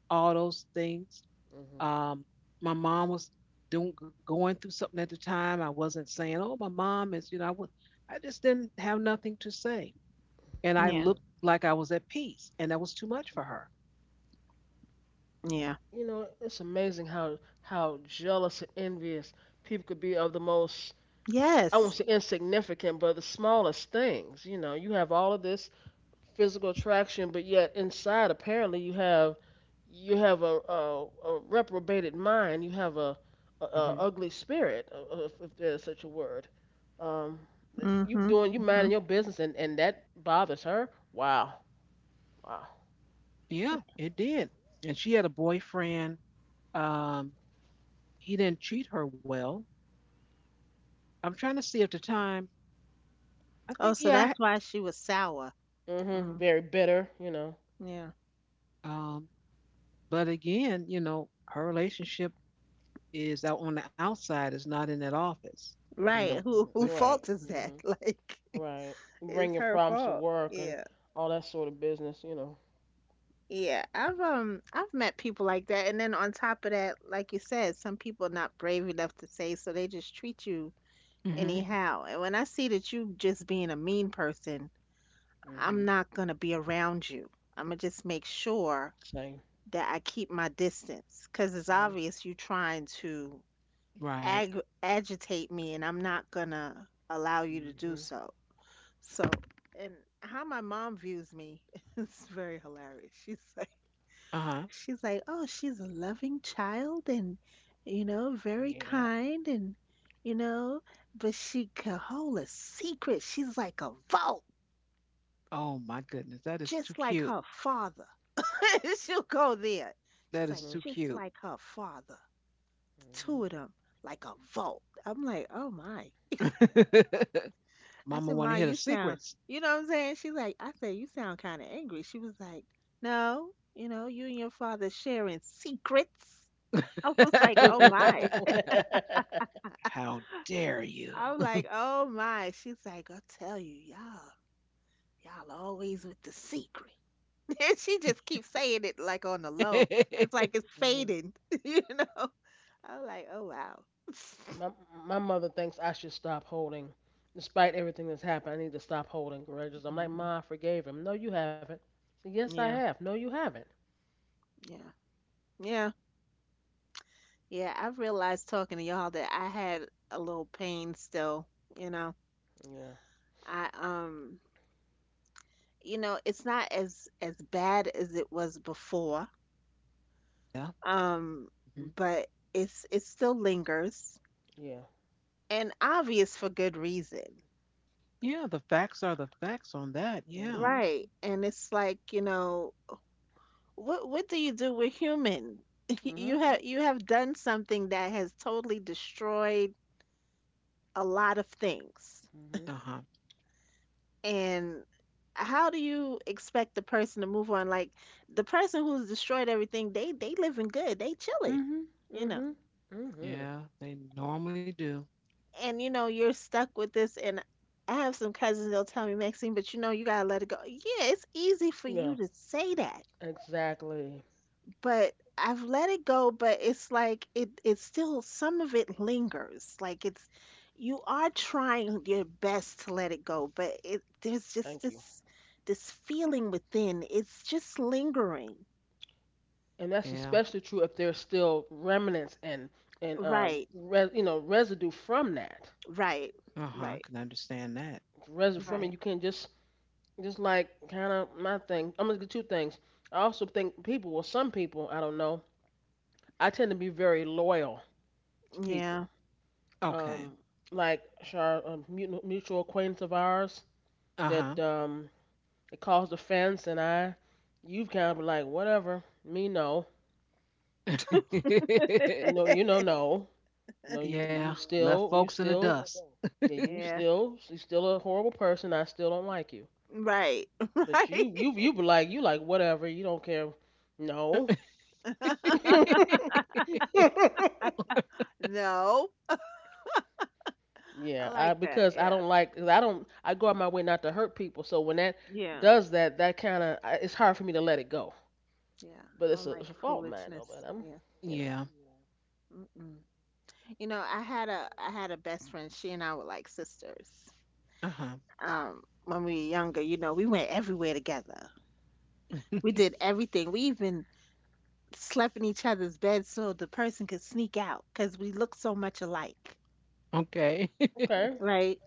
Speaker 1: all those things.
Speaker 2: Mhm.
Speaker 1: Um, my mom was doing going through something at the time. I wasn't saying, "Oh, my mom is," you know. I just didn't have nothing to say, and I
Speaker 3: Yeah.
Speaker 2: Mhm.
Speaker 1: looked like I was at peace, and that was too much
Speaker 2: Mhm.
Speaker 1: for her.
Speaker 3: Yeah.
Speaker 2: You know, it's amazing how jealous and envious people could be of the most I won't
Speaker 3: Yes.
Speaker 2: say insignificant, but the smallest things. You know, you have all of this physical attraction, but yet inside apparently you have a reprobated mind. You have a ugly spirit, if there's such a word. Um, you
Speaker 3: Mm-hmm.
Speaker 2: doing you
Speaker 3: Mm-hmm.
Speaker 2: minding your business, and that bothers her. Wow, wow.
Speaker 1: Yeah, it did. And she had a boyfriend. Um, he didn't treat her well. I'm trying to see at the time. I think
Speaker 3: Oh, so
Speaker 1: yeah.
Speaker 3: that's why she was sour.
Speaker 2: Mhm.
Speaker 3: Mm,
Speaker 2: Very bitter. You know.
Speaker 3: yeah.
Speaker 1: Um, but again, you know, her relationship is out on the outside. Is not in that office. You know,
Speaker 3: Right. Who
Speaker 1: but,
Speaker 3: who
Speaker 2: Right.
Speaker 3: fault is that?
Speaker 2: Mhm.
Speaker 3: [LAUGHS] Like
Speaker 2: Right.
Speaker 3: it's
Speaker 2: Bringing
Speaker 3: her
Speaker 2: problems to
Speaker 3: fault.
Speaker 2: work and
Speaker 3: Yeah.
Speaker 2: all that sort of business. You know.
Speaker 3: Yeah. I've met people like that, and then on top of that, like you said, some people are not brave enough to say, so they just treat you
Speaker 1: hmm
Speaker 3: anyhow. And when I see that you just being a mean person, I'm
Speaker 2: Mhm.
Speaker 3: not gonna be around you. I'm gonna just make sure
Speaker 2: Same.
Speaker 3: that I keep my distance because it's
Speaker 2: Same.
Speaker 3: obvious you trying to
Speaker 1: right.
Speaker 3: agitate me, and I'm not gonna allow you to do
Speaker 2: Hmm.
Speaker 3: so. So, and how my mom views me [LAUGHS] is very hilarious. She's like.
Speaker 1: Uh huh.
Speaker 3: She's like, oh, she's a loving child and very
Speaker 2: Yeah.
Speaker 3: kind and, you know, but she can hold a secret. She's like a vault,
Speaker 1: Oh my goodness, that is too
Speaker 3: just like
Speaker 1: cute.
Speaker 3: her father. [LAUGHS] She'll go there. She's
Speaker 1: That
Speaker 3: like,
Speaker 1: is
Speaker 2: Hmm.
Speaker 1: too
Speaker 3: just
Speaker 1: cute.
Speaker 3: like her father. The two
Speaker 2: Hmm.
Speaker 3: of them, like a vault. I'm like, oh my.
Speaker 1: [LAUGHS]
Speaker 3: I
Speaker 1: Mama
Speaker 3: said,
Speaker 1: want
Speaker 3: Ma,
Speaker 1: to hear the
Speaker 3: you sound,
Speaker 1: secrets.
Speaker 3: you know what I'm saying? She's like, I said, you sound kind of angry. She was like, no, you and your father sharing secrets. [LAUGHS] I was like, oh
Speaker 2: [LAUGHS]
Speaker 3: my.
Speaker 1: [LAUGHS] How dare you?
Speaker 3: I'm like, oh my. She's like, I tell you, y'all always with the secret. [LAUGHS] And she just keeps saying it like on the low. It's like
Speaker 1: [LAUGHS]
Speaker 3: it's
Speaker 2: Hmm.
Speaker 3: fading, [LAUGHS] you know? I'm like, oh wow. [LAUGHS]
Speaker 2: My my mother thinks I should stop holding, despite everything that's happened. I need to stop holding grudges. I'm like,
Speaker 3: Mhm.
Speaker 2: Ma, I forgave him. No, you haven't. So, yes, I
Speaker 3: Yeah,
Speaker 2: have. No, you haven't.
Speaker 3: yeah, yeah, yeah. I realized talking to y'all that I had a little pain still, you know.
Speaker 2: Yeah.
Speaker 3: I it's not as bad as it was before.
Speaker 1: Yeah.
Speaker 3: Um,
Speaker 1: Mhm.
Speaker 3: but it still lingers
Speaker 2: Yeah.
Speaker 3: and obvious for good reason.
Speaker 1: Yeah, the facts are the facts on that. Yeah.
Speaker 2: Mhm.
Speaker 3: Right. And it's like, you know, what do you do? We're human. [LAUGHS] You
Speaker 2: Mhm.
Speaker 3: have you have done something that has totally destroyed a lot of things.
Speaker 2: Mhm.
Speaker 1: Uh-huh.
Speaker 3: And how do you expect the person to move on? Like the person who's destroyed everything, they living good. They chilling,
Speaker 2: Mhm.
Speaker 3: you know.
Speaker 2: Mhm. Mhm.
Speaker 1: Yeah, they normally do.
Speaker 3: And you know, you're stuck with this and I have some cousins, they'll tell me, Maxine, but you know, you gotta let it go. Yeah, it's easy for you
Speaker 2: Yeah.
Speaker 3: to say that.
Speaker 2: Exactly.
Speaker 3: But I've let it go, but it's like it's still some of it lingers. Like it's you are trying your best to let it go, but it there's just
Speaker 2: Thank you.
Speaker 3: this feeling within. It's just lingering.
Speaker 2: And that's
Speaker 1: Yeah.
Speaker 2: especially true if there's still remnants and
Speaker 3: Right.
Speaker 2: you know residue from that.
Speaker 3: Right.
Speaker 1: Uh-huh. I
Speaker 3: Right.
Speaker 1: can understand that.
Speaker 2: Resin from it.
Speaker 1: Mhm.
Speaker 3: Right.
Speaker 2: You can't just like kind of my thing. I'm gonna get two things. I also think people, well, some people, I don't know. I tend to be very loyal to
Speaker 3: Yeah.
Speaker 2: people.
Speaker 3: [LAUGHS]
Speaker 1: Okay.
Speaker 2: Um, like our a mutual acquaintance of ours
Speaker 1: Uh-huh.
Speaker 2: that it caused offense, and you've kind of been like whatever. Me no,
Speaker 1: [LAUGHS]
Speaker 2: no, no, you
Speaker 1: Yeah,
Speaker 2: you
Speaker 1: left
Speaker 2: still, you
Speaker 1: folks in the
Speaker 2: still,
Speaker 1: dust.
Speaker 2: yeah,
Speaker 3: Yeah.
Speaker 2: you still a horrible person. I still don't like you.
Speaker 3: Right. [LAUGHS]
Speaker 2: But you
Speaker 3: Right.
Speaker 2: you you be like you like whatever, you don't care. No. [LAUGHS]
Speaker 3: [LAUGHS] No. I
Speaker 2: Yeah, I
Speaker 3: like that.
Speaker 2: because I
Speaker 3: Yeah.
Speaker 2: don't like 'cause I don't I go out my way not to hurt people. So when that
Speaker 3: Yeah.
Speaker 2: does that, that kind of it's hard for me to let it go.
Speaker 3: Yeah.
Speaker 2: But
Speaker 3: I
Speaker 2: it's
Speaker 3: don't
Speaker 2: a, it's
Speaker 3: like
Speaker 2: a fault of mine though, but
Speaker 3: foolishness. Yeah.
Speaker 2: you know,
Speaker 1: Yeah.
Speaker 3: Mm-mm. You know, I had a best friend. She and I were like sisters.
Speaker 1: Uh-huh.
Speaker 3: When we were younger, you know, we went everywhere together. We did
Speaker 1: [LAUGHS]
Speaker 3: everything. We even slept in each other's beds so the person could sneak out because we looked so much alike,
Speaker 1: Okay.
Speaker 2: okay.
Speaker 3: right?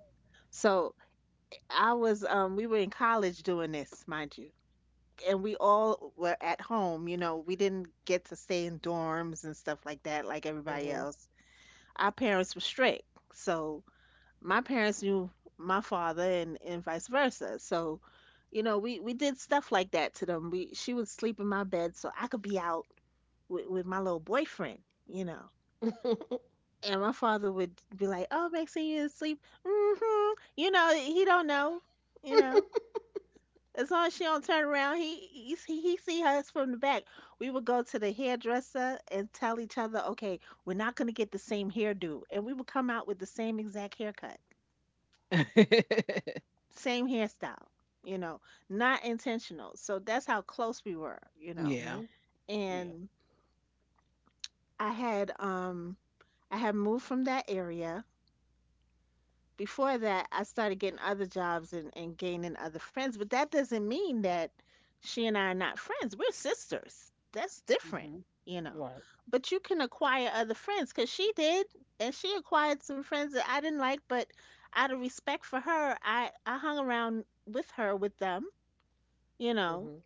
Speaker 3: So we were in college doing this, mind you, and we all were at home. You know, we didn't get to stay in dorms and stuff like that, like everybody
Speaker 2: Mhm.
Speaker 3: else. Our parents were strict, so my parents knew my father and vice versa. So, you know, we did stuff like that to them. We She would sleep in my bed so I could be out with my little boyfriend, you know.
Speaker 2: [LAUGHS]
Speaker 3: And my father would be like, "Oh, Maxine, sure you sleep." Mhm. You know, he don't know, you know. As long as she don't turn around, he see us from the back. We would go to the hairdresser and tell each other, "Okay, we're not going to get the same hairdo." And we would come out with the same exact haircut,
Speaker 1: [LAUGHS]
Speaker 3: same hairstyle, you know, not intentional. So that's how close we were, you know.
Speaker 2: Mhm.
Speaker 1: Yeah.
Speaker 2: Yeah.
Speaker 3: And I had um I had moved from that area. Before that, I started getting other jobs and gaining other friends, but that doesn't mean that she and I are not friends. We're sisters. That's different,
Speaker 2: Mhm.
Speaker 3: you know.
Speaker 2: Right.
Speaker 3: But you can acquire other friends because she did, and she acquired some friends that I didn't like, but out of respect for her, I hung around with her with them, you know,
Speaker 2: Mhm.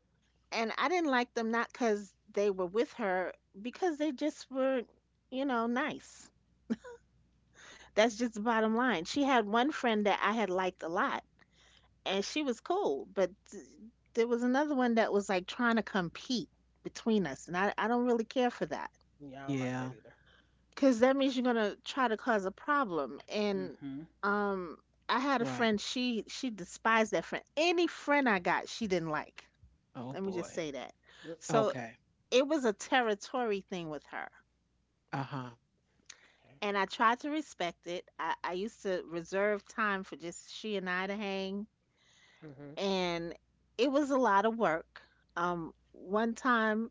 Speaker 3: and I didn't like them not because they were with her, because they just were, you know, nice. That's just the bottom line. She had one friend that I had liked a lot, and she was cool, but there was another one that was like trying to compete between us, and I don't really care for that
Speaker 2: Yeah, I don't like that
Speaker 1: Yeah.
Speaker 2: either.
Speaker 3: because that means you're gonna try to cause a problem. And
Speaker 2: Mhm.
Speaker 3: um, I had a
Speaker 1: Right.
Speaker 3: friend she despised that friend. Any friend I got, she didn't like.
Speaker 1: Oh
Speaker 3: Let me just
Speaker 1: boy.
Speaker 3: say that. So
Speaker 2: Mm-mm.
Speaker 1: Okay.
Speaker 3: it was a territory thing with her.
Speaker 1: Uh huh.
Speaker 2: Okay.
Speaker 3: And I tried to respect it. I used to reserve time for just she and I to hang,
Speaker 2: Mhm.
Speaker 3: and it was a lot of work. One time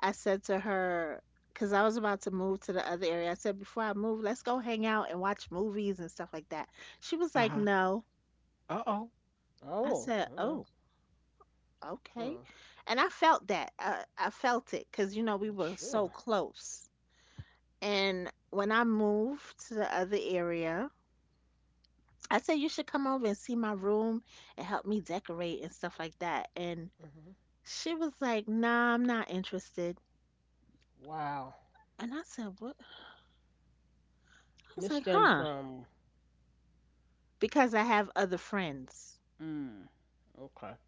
Speaker 3: I said to her, because I was about to move to the other area, I said, "Before I move, let's go hang out and watch movies and stuff like that." She was
Speaker 1: Uh
Speaker 3: like,
Speaker 1: huh.
Speaker 3: "No."
Speaker 1: Uh oh.
Speaker 3: I
Speaker 2: Oh.
Speaker 3: said, "Oh, okay."
Speaker 2: Mm.
Speaker 3: And I felt that. I felt it because, you know, we were so
Speaker 2: Sure.
Speaker 3: close. And when I moved to the other area, I said, "You should come over and see my room and help me decorate and stuff like that." And
Speaker 2: Mhm.
Speaker 3: she was like, "Nah, I'm not interested."
Speaker 2: Wow.
Speaker 3: And I said, "What?" I
Speaker 2: And
Speaker 3: was
Speaker 2: this
Speaker 3: like,
Speaker 2: stemmed
Speaker 3: "Huh?
Speaker 2: from.
Speaker 3: Because I have other friends."
Speaker 2: Mm, okay.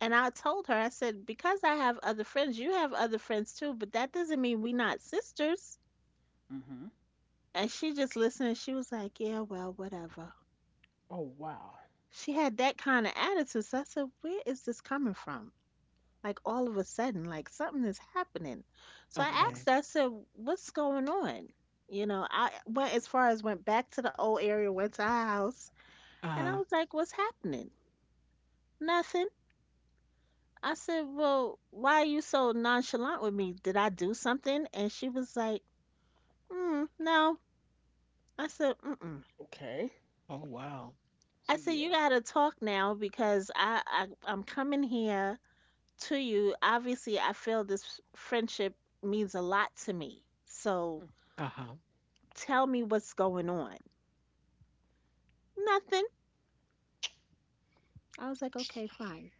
Speaker 3: And I told her, I said, "Because I have other friends, you have other friends too, but that doesn't mean we not sisters."
Speaker 2: Mm-hmm.
Speaker 3: And she just listened and she was like, "Yeah, well, whatever."
Speaker 2: Oh wow.
Speaker 3: She had that kind of attitude. So I said, "Where is this coming from?" Like all of a sudden, like something is happening. So I
Speaker 2: Mm-hmm.
Speaker 3: asked her,
Speaker 1: Okay.
Speaker 3: I said, "What's going on?" You know, I went as far as went back to the old area, went to our house,
Speaker 1: Uh
Speaker 3: and I
Speaker 1: huh.
Speaker 3: was like, "What's happening?" "Nothing." I said, "Well, why are you so nonchalant with me? Did I do something?" And she was like, "No." I said, "Mm-mm.
Speaker 2: Okay.
Speaker 1: Oh wow.
Speaker 3: I
Speaker 2: So
Speaker 3: said, you
Speaker 2: yeah.
Speaker 3: gotta talk now because I I'm coming here to you. Obviously, I feel this friendship means a lot to me. So
Speaker 1: Uh huh.
Speaker 3: tell me what's going on." "Nothing." I was like, "Okay, fine."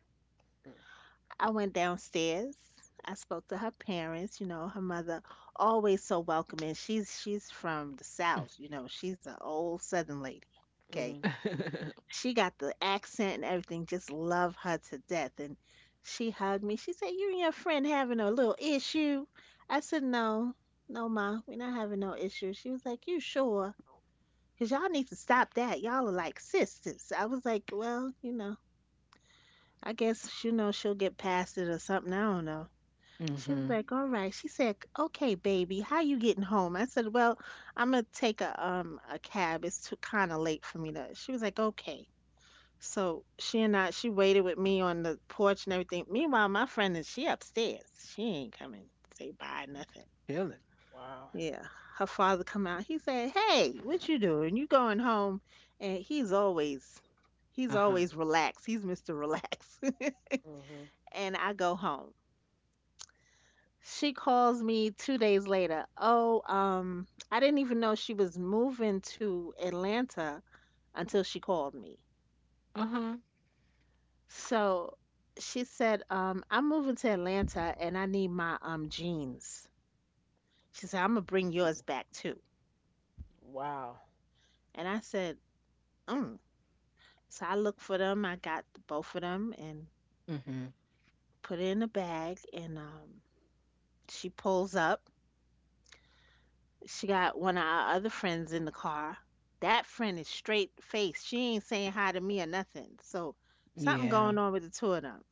Speaker 2: Mm-hmm.
Speaker 3: I went downstairs. I spoke to her parents, you know, her mother always so welcoming. She's from the South,
Speaker 1: [LAUGHS]
Speaker 3: you know, she's an old Southern lady. Okay.
Speaker 2: Mm-hmm.
Speaker 3: She got the accent and everything, just love her to death. And she hugged me. She said, "You and your friend having a little issue." I said, "No, no, ma, we're not having no issue." She was like, "You sure? You y'all need to stop that. Y'all are like sisters." I was like, "Well, you know, I guess, you know, she'll get past it or something. I don't know." She was
Speaker 1: Mhm.
Speaker 3: like, "All right." She said, "Okay, baby, how you getting home?" I said, "Well, I'm gonna take a cab. It's too kind of late for me to." She was like, "Okay." So she and I, she waited with me on the porch and everything. Meanwhile, my friend is she upstairs. She ain't coming. Say bye, nothing.
Speaker 1: Feel it.
Speaker 2: Wow.
Speaker 3: Yeah, her father come out. He said, "Hey, what you doing? You going home?" And he's
Speaker 1: Uh huh.
Speaker 3: always relaxed. He's Mr. Relax.
Speaker 2: Mm-hmm.
Speaker 3: [LAUGHS] And I go home. She calls me 2 days later. Oh, I didn't even know she was moving to Atlanta until she called me.
Speaker 1: Uh huh.
Speaker 3: So she said, "I'm moving to Atlanta and I need my jeans." She said, "I'm gonna bring
Speaker 2: Excuse
Speaker 3: yours
Speaker 2: me.
Speaker 3: back too."
Speaker 2: Wow.
Speaker 3: And I said, "Mm." So I looked for them. I got both of them and
Speaker 1: Mhm.
Speaker 3: put it in a bag. And She pulls up. She got one of our other friends in the car. That friend is straight faced. She ain't saying hi to me or nothing. So something
Speaker 1: Yeah.
Speaker 3: going on with the two of them.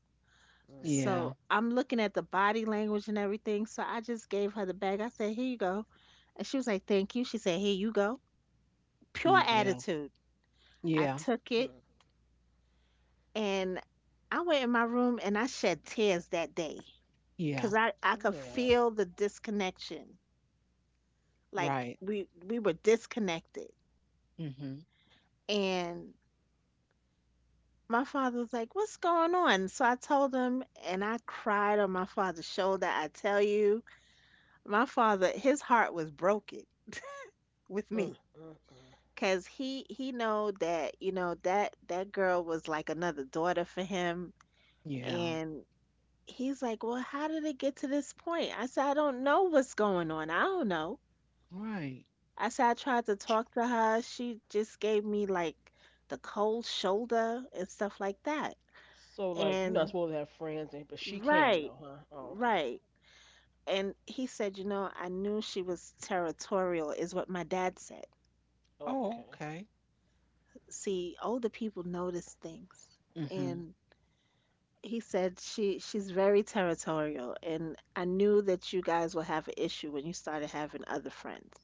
Speaker 2: Mm-hmm.
Speaker 1: Yeah.
Speaker 3: So I'm looking at the body language and everything. So I just gave her the bag. I said, "Here you go." And she was like, "Thank you." She said, "Here you go." Pure
Speaker 1: Yeah.
Speaker 3: attitude. I
Speaker 1: Yeah.
Speaker 3: took it
Speaker 2: Mm.
Speaker 3: and I went in my room and I shed tears that day
Speaker 1: Yeah.
Speaker 3: because I could
Speaker 2: Yeah.
Speaker 3: feel the disconnection. Like
Speaker 1: Right.
Speaker 3: we were disconnected.
Speaker 1: Mhm.
Speaker 3: And my father was like, "What's going on?" So I told him, and I cried on my father's shoulder. I tell you, my father, his heart was broken with
Speaker 2: Mm,
Speaker 3: me
Speaker 2: mm, mm.
Speaker 3: because he know that you know that that girl was like another daughter for him,
Speaker 1: Yeah.
Speaker 3: and he's like, "Well, how did it get to this point?" I said, "I don't know what's going on. I don't know."
Speaker 1: Right.
Speaker 3: I said, "I tried to talk to her. She just gave me like the cold shoulder and stuff like that."
Speaker 2: So like you're not
Speaker 3: And
Speaker 2: supposed to have friends, and but she can
Speaker 3: right.
Speaker 2: though, huh? Oh okay.
Speaker 3: Right. And he said, "You know, I knew she was territorial," is what my dad said.
Speaker 1: Oh
Speaker 2: Okay.
Speaker 1: okay.
Speaker 3: See, older people notice things.
Speaker 1: Mhm.
Speaker 3: And he said, "She's very territorial. And I knew that you guys will have an issue when you started having other friends."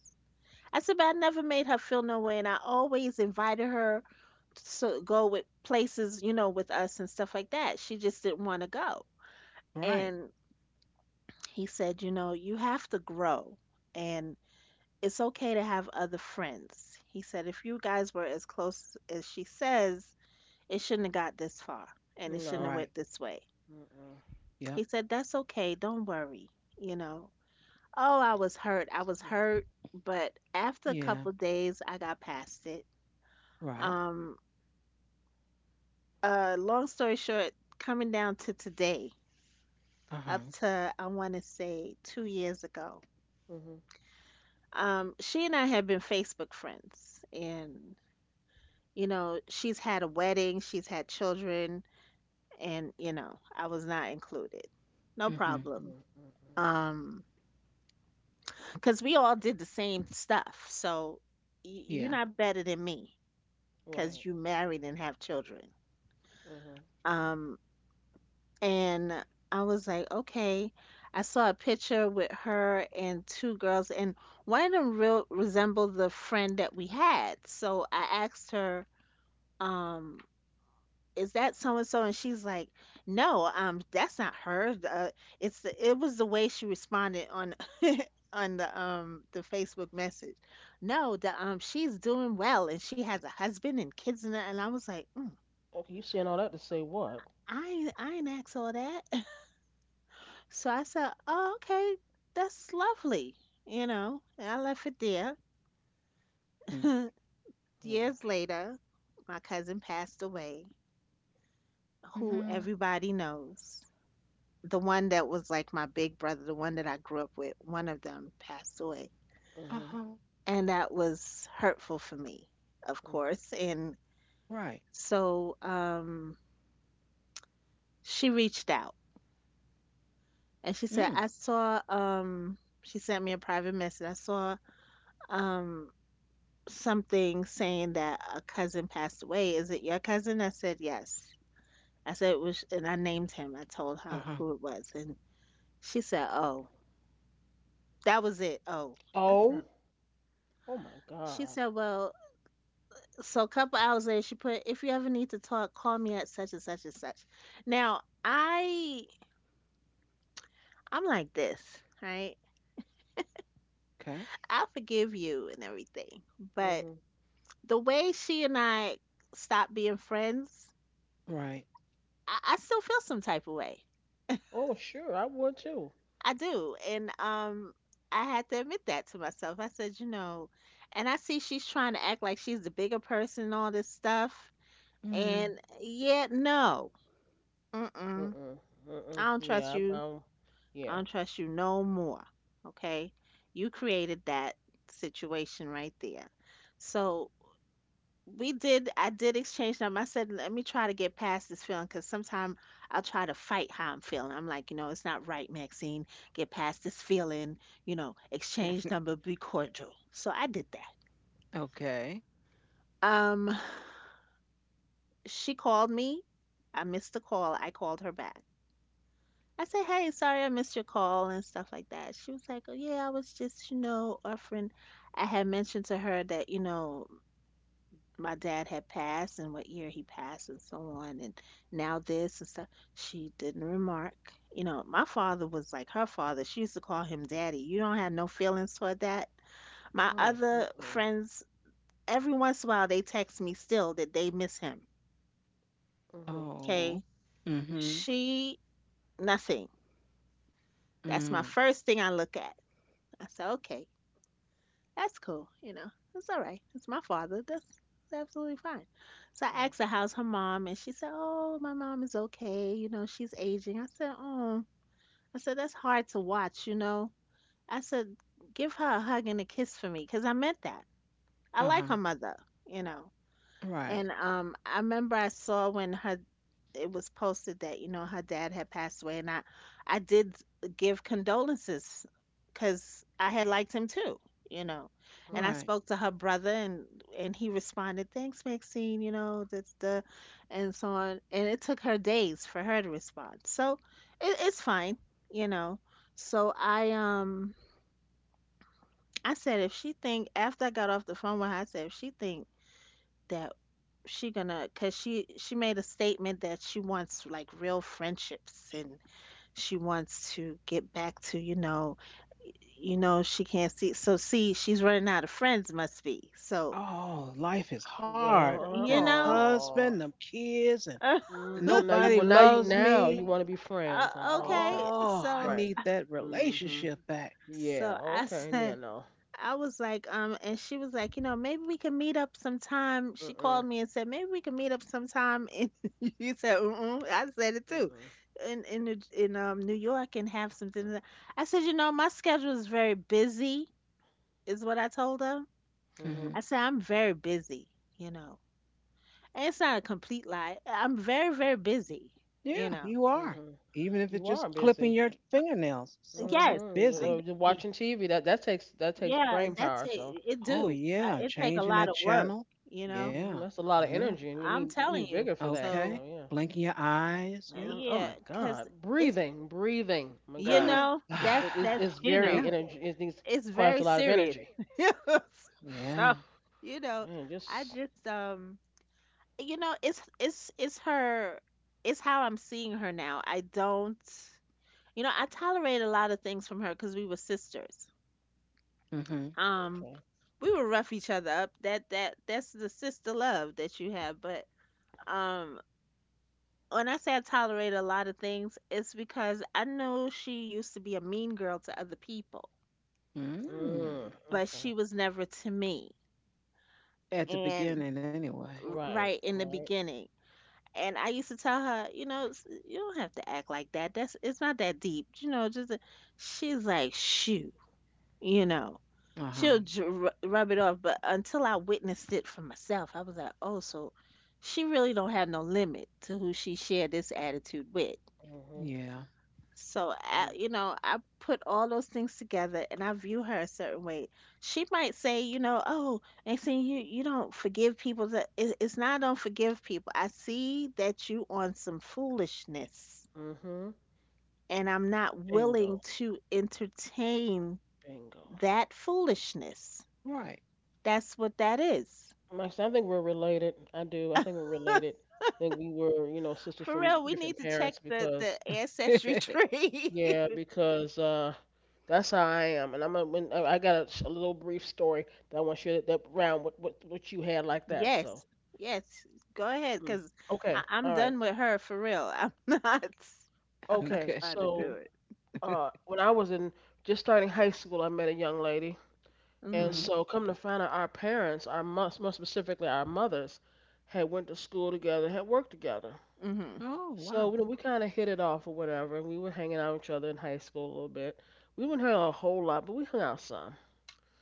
Speaker 3: I said, "But I never made her feel no way. And I always invited her to go with places, you know, with us and stuff like that. She just didn't want to go."
Speaker 1: Right.
Speaker 3: And he said, "You know, you have to grow. And it's okay to have other friends." He said, "If you guys were as close as she says, it shouldn't have got this far and it shouldn't have
Speaker 2: No.
Speaker 1: Right.
Speaker 3: went this way."
Speaker 2: Mm-mm.
Speaker 1: Yep.
Speaker 3: He said, "That's okay. Don't worry." You know, oh, I was hurt. I was hurt. But after a couple
Speaker 1: Yeah.
Speaker 3: of days, I got past it.
Speaker 1: Right.
Speaker 3: Um, Long story short, coming down to today,
Speaker 1: Uh
Speaker 3: up
Speaker 1: huh.
Speaker 3: to, I want to say 2 years ago,
Speaker 2: Mm-hmm. Mm-mm.
Speaker 3: she and I had been Facebook friends. And you know, she's had a wedding, she's had children, and you know, I was not included. No
Speaker 1: Mhm.
Speaker 3: problem.
Speaker 2: Mm, mm.
Speaker 3: Um, because we all did the same stuff. So you're
Speaker 1: Yeah.
Speaker 3: not better than me because
Speaker 2: Right.
Speaker 3: you married and have children.
Speaker 2: Mm-hmm.
Speaker 3: Um, and I was like, okay. I saw a picture with her and two girls, and one of them real resembled the friend that we had. So I asked her, um, is that so and so? And she's like, no, that's not her. It's it was the way she responded on [LAUGHS] on the the Facebook message. No the She's doing well and she has a husband and kids and that," and I was like, mm,
Speaker 2: Okay. You saying all that to say what?
Speaker 3: I ain't asked all that. [LAUGHS] So I said, oh, okay, that's lovely, you know, and I left it there. [LAUGHS]
Speaker 2: Mm.
Speaker 3: Years later, my cousin passed away, who
Speaker 1: Mhm.
Speaker 3: everybody knows, the one that was like my big brother, the one that I grew up with. One of them passed away.
Speaker 1: Uh
Speaker 2: Mm-hmm.
Speaker 1: huh.
Speaker 3: And that was hurtful for me, of
Speaker 2: Mm.
Speaker 3: course. And
Speaker 1: Right.
Speaker 3: so she reached out and she said,
Speaker 1: Mm.
Speaker 3: I saw, she sent me a private message. I saw um, something saying that a cousin passed away. Is it your cousin? I said, yes. I said, it was, and I named him. I told her
Speaker 1: Uh-huh.
Speaker 3: who it was. And she said, oh, that was it. Oh, I said,
Speaker 2: Oh. Oh my
Speaker 3: she
Speaker 2: God.
Speaker 3: said, well, so a couple hours later, she put, "If you ever need to talk, call me at such and such and such." Now I'm like this, right?
Speaker 1: Okay.
Speaker 3: I forgive you and everything, but
Speaker 2: Mhm.
Speaker 3: the way she and I stopped being friends,
Speaker 1: Right.
Speaker 3: I still feel some type of way.
Speaker 2: Oh sure, I would too.
Speaker 3: I do, and I had to admit that to myself. I said, you know, and I see she's trying to act like she's the bigger person and all this stuff,
Speaker 1: Mm.
Speaker 3: and yet no, mm-mm,
Speaker 2: Mm-mm. Mm-mm.
Speaker 3: I don't trust
Speaker 2: Yeah.
Speaker 3: you.
Speaker 2: Yeah.
Speaker 3: I don't trust you no more. Okay. You created that situation right there. So I did exchange them. I said, let me try to get past this feeling, because sometimes I'll try to fight how I'm feeling. I'm like, you know, it's not right, Maxine. Get past this feeling, you know, exchange number, be cordial. So I did that.
Speaker 1: Okay.
Speaker 3: Um, she called me. I missed the call. I called her back. I said, "Hey, sorry I missed your call and stuff like that." She was like, "Oh yeah, I was just, you know, offering." I had mentioned to her that, you know, my dad had passed and what year he passed and so on, and now this and stuff. She didn't remark. You know, my father was like her father. She used to call him daddy. You don't have no feelings toward that. My
Speaker 2: Mm.
Speaker 3: other
Speaker 2: Mm-mm.
Speaker 3: friends, every once in a while, they text me still that they miss him.
Speaker 2: Mhm.
Speaker 1: Oh.
Speaker 3: Okay,
Speaker 1: Mm-hmm.
Speaker 3: she nothing. That's my
Speaker 1: Mm.
Speaker 3: first thing I look at. I said, okay, that's cool. You know, it's all right. It's my father. That's absolutely fine. So I
Speaker 2: Right.
Speaker 3: asked her how's her mom, and she said, "Oh, my mom is okay. You know, she's aging." I said, "Oh," I said, "That's hard to watch. You know," I said, "Give her a hug and a kiss for me, 'cause I meant that. I like her
Speaker 1: Uh-huh.
Speaker 3: mother. You know,
Speaker 1: Right.
Speaker 3: and I remember I saw when her it was posted that you know her dad had passed away, and I did give condolences because I had liked him too, you know. And I
Speaker 2: Mhm.
Speaker 1: Right.
Speaker 3: spoke to her brother, and he responded, "Thanks, Maxine," you know, and so on. And it took her days for her to respond, so it's fine, you know. So I, I said if she think, after I got off the phone with her, I said if she think that she gonna, because she made a statement that she wants like real friendships and she wants to get back to, you know, you know, she can't see. So see, she's running out of friends, must be so,
Speaker 1: Oh, life is hard.
Speaker 2: Well.
Speaker 1: That
Speaker 3: you know.
Speaker 1: husband,
Speaker 2: Oh.
Speaker 1: them kids, and
Speaker 3: [LAUGHS] uh,
Speaker 2: Mhm. Now you.
Speaker 1: nobody
Speaker 2: Well.
Speaker 1: loves
Speaker 2: Now you
Speaker 1: me.
Speaker 2: want to be friends, huh? Oh. Okay.
Speaker 3: okay,
Speaker 1: Oh, I
Speaker 3: so
Speaker 2: Right.
Speaker 1: need that
Speaker 2: Mhm.
Speaker 1: relationship back.
Speaker 2: Yeah.
Speaker 3: so i
Speaker 2: Okay. Yeah.
Speaker 3: said
Speaker 2: No.
Speaker 3: I was like, and she was like, you know, maybe we can meet up sometime. She
Speaker 2: Mm-mm.
Speaker 3: called me and said, maybe we can meet up sometime. And [LAUGHS] you said, mm, I said it too,
Speaker 2: Mm-mm.
Speaker 3: in New York, and have some dinner. I said, you know, my schedule is very busy, is what I told her.
Speaker 1: Mm-hmm.
Speaker 2: Mhm.
Speaker 3: I said, I'm very busy, you know, and it's not a complete lie. I'm very very busy, you
Speaker 1: Yeah,
Speaker 3: know.
Speaker 1: you are.
Speaker 2: Mhm.
Speaker 1: Even if it's
Speaker 2: You are
Speaker 1: just clipping
Speaker 2: busy.
Speaker 1: your fingernails. So, I'm so
Speaker 3: Yes,
Speaker 2: Mhm.
Speaker 3: I'm
Speaker 1: busy.
Speaker 2: You're
Speaker 3: busy.
Speaker 2: watching TV. That takes
Speaker 3: Yeah,
Speaker 2: brain
Speaker 3: that's
Speaker 2: power. So.
Speaker 3: it. It
Speaker 1: Oh,
Speaker 3: do.
Speaker 1: yeah.
Speaker 3: It take a
Speaker 1: Changing
Speaker 3: lot
Speaker 1: that
Speaker 3: of work,
Speaker 1: channel.
Speaker 3: you know.
Speaker 1: Yeah.
Speaker 2: Mhm, that's a lot of
Speaker 1: Yeah.
Speaker 2: energy, and you
Speaker 3: I'm telling
Speaker 2: need
Speaker 3: you.
Speaker 2: vigor for that.
Speaker 1: Okay.
Speaker 3: So
Speaker 2: So yeah.
Speaker 1: Blinking your eyes. Yeah.
Speaker 2: Oh
Speaker 3: Yeah,
Speaker 2: my
Speaker 3: because
Speaker 2: God,
Speaker 3: it's,
Speaker 2: breathing, breathing. Oh my
Speaker 3: you
Speaker 2: God,
Speaker 3: know,
Speaker 1: [SIGHS] [GASPS]
Speaker 2: it's
Speaker 3: you
Speaker 2: very
Speaker 3: know,
Speaker 1: Yeah.
Speaker 2: energy. It needs
Speaker 3: it's
Speaker 2: requires
Speaker 3: very
Speaker 2: a lot of
Speaker 3: serious.
Speaker 2: energy.
Speaker 3: [LAUGHS]
Speaker 1: Yeah.
Speaker 3: So, you know,
Speaker 2: Man,
Speaker 3: I
Speaker 2: just
Speaker 3: just, you know, it's her, it's how I'm seeing her now. I don't, you know, I tolerate a lot of things from her because we were sisters.
Speaker 1: Mm-hmm.
Speaker 3: Um,
Speaker 2: okay.
Speaker 3: we would rough each other up. That's the sister love that you have. But, um, when I say I tolerate a lot of things, it's because I know she used to be a mean girl to other people,
Speaker 1: Mm.
Speaker 2: Mm,
Speaker 3: but she
Speaker 2: okay.
Speaker 3: was never to me.
Speaker 1: At the
Speaker 3: And
Speaker 1: beginning, anyway.
Speaker 2: Right,
Speaker 3: right in the
Speaker 2: right.
Speaker 3: beginning, and I used to tell her, you know, you don't have to act like that. That's it's not that deep, you know. Just a-" She's like, shoo, you know.
Speaker 1: Uh
Speaker 3: She'll
Speaker 1: huh.
Speaker 3: rub it off, but until I witnessed it for myself, I was like, oh, so she really don't have no limit to who she shared this attitude with.
Speaker 2: Mhm.
Speaker 1: Yeah.
Speaker 3: So, I,
Speaker 2: And
Speaker 3: you know, I put all those things together and I view her a certain way. She might say, you know, oh, Maxine, you don't forgive people. It's not I don't forgive people. I see that you on some foolishness
Speaker 2: mhm.
Speaker 3: and I'm not willing
Speaker 2: Bingo,
Speaker 3: to entertain
Speaker 2: bingo.
Speaker 3: that foolishness.
Speaker 1: Right.
Speaker 3: That's what that is.
Speaker 2: Max, I think we're related. I do. I think we're related. I think we were, you know, sisters
Speaker 3: For
Speaker 2: from
Speaker 3: real, we
Speaker 2: different
Speaker 3: need to check
Speaker 2: parents because
Speaker 3: the
Speaker 1: [LAUGHS]
Speaker 3: ancestry [LAUGHS]
Speaker 1: Okay.
Speaker 3: tree.
Speaker 2: yeah, because that's how I am, and when I got a, a little brief story that I want to share that, that round what, what you had like that. So,
Speaker 3: Yes, yes. Go ahead,
Speaker 2: mm,
Speaker 3: because
Speaker 2: okay,
Speaker 3: I'm
Speaker 2: all right,
Speaker 3: done with her for real. I'm [LAUGHS] not. I'm not
Speaker 2: okay.
Speaker 3: trying to do
Speaker 2: So,
Speaker 3: it.
Speaker 2: when I was in just starting high school, I met a young lady, and
Speaker 3: Mm.
Speaker 1: Mm-hmm.
Speaker 2: so come to find out, our parents, our more specifically our mothers, had went to school together, had worked together.
Speaker 3: Mhm.
Speaker 1: Oh, wow.
Speaker 2: So you know, we kind of hit it off or whatever, and we were hanging out with each other in high school a little bit. We didn't hang out a whole lot, but we hung out some.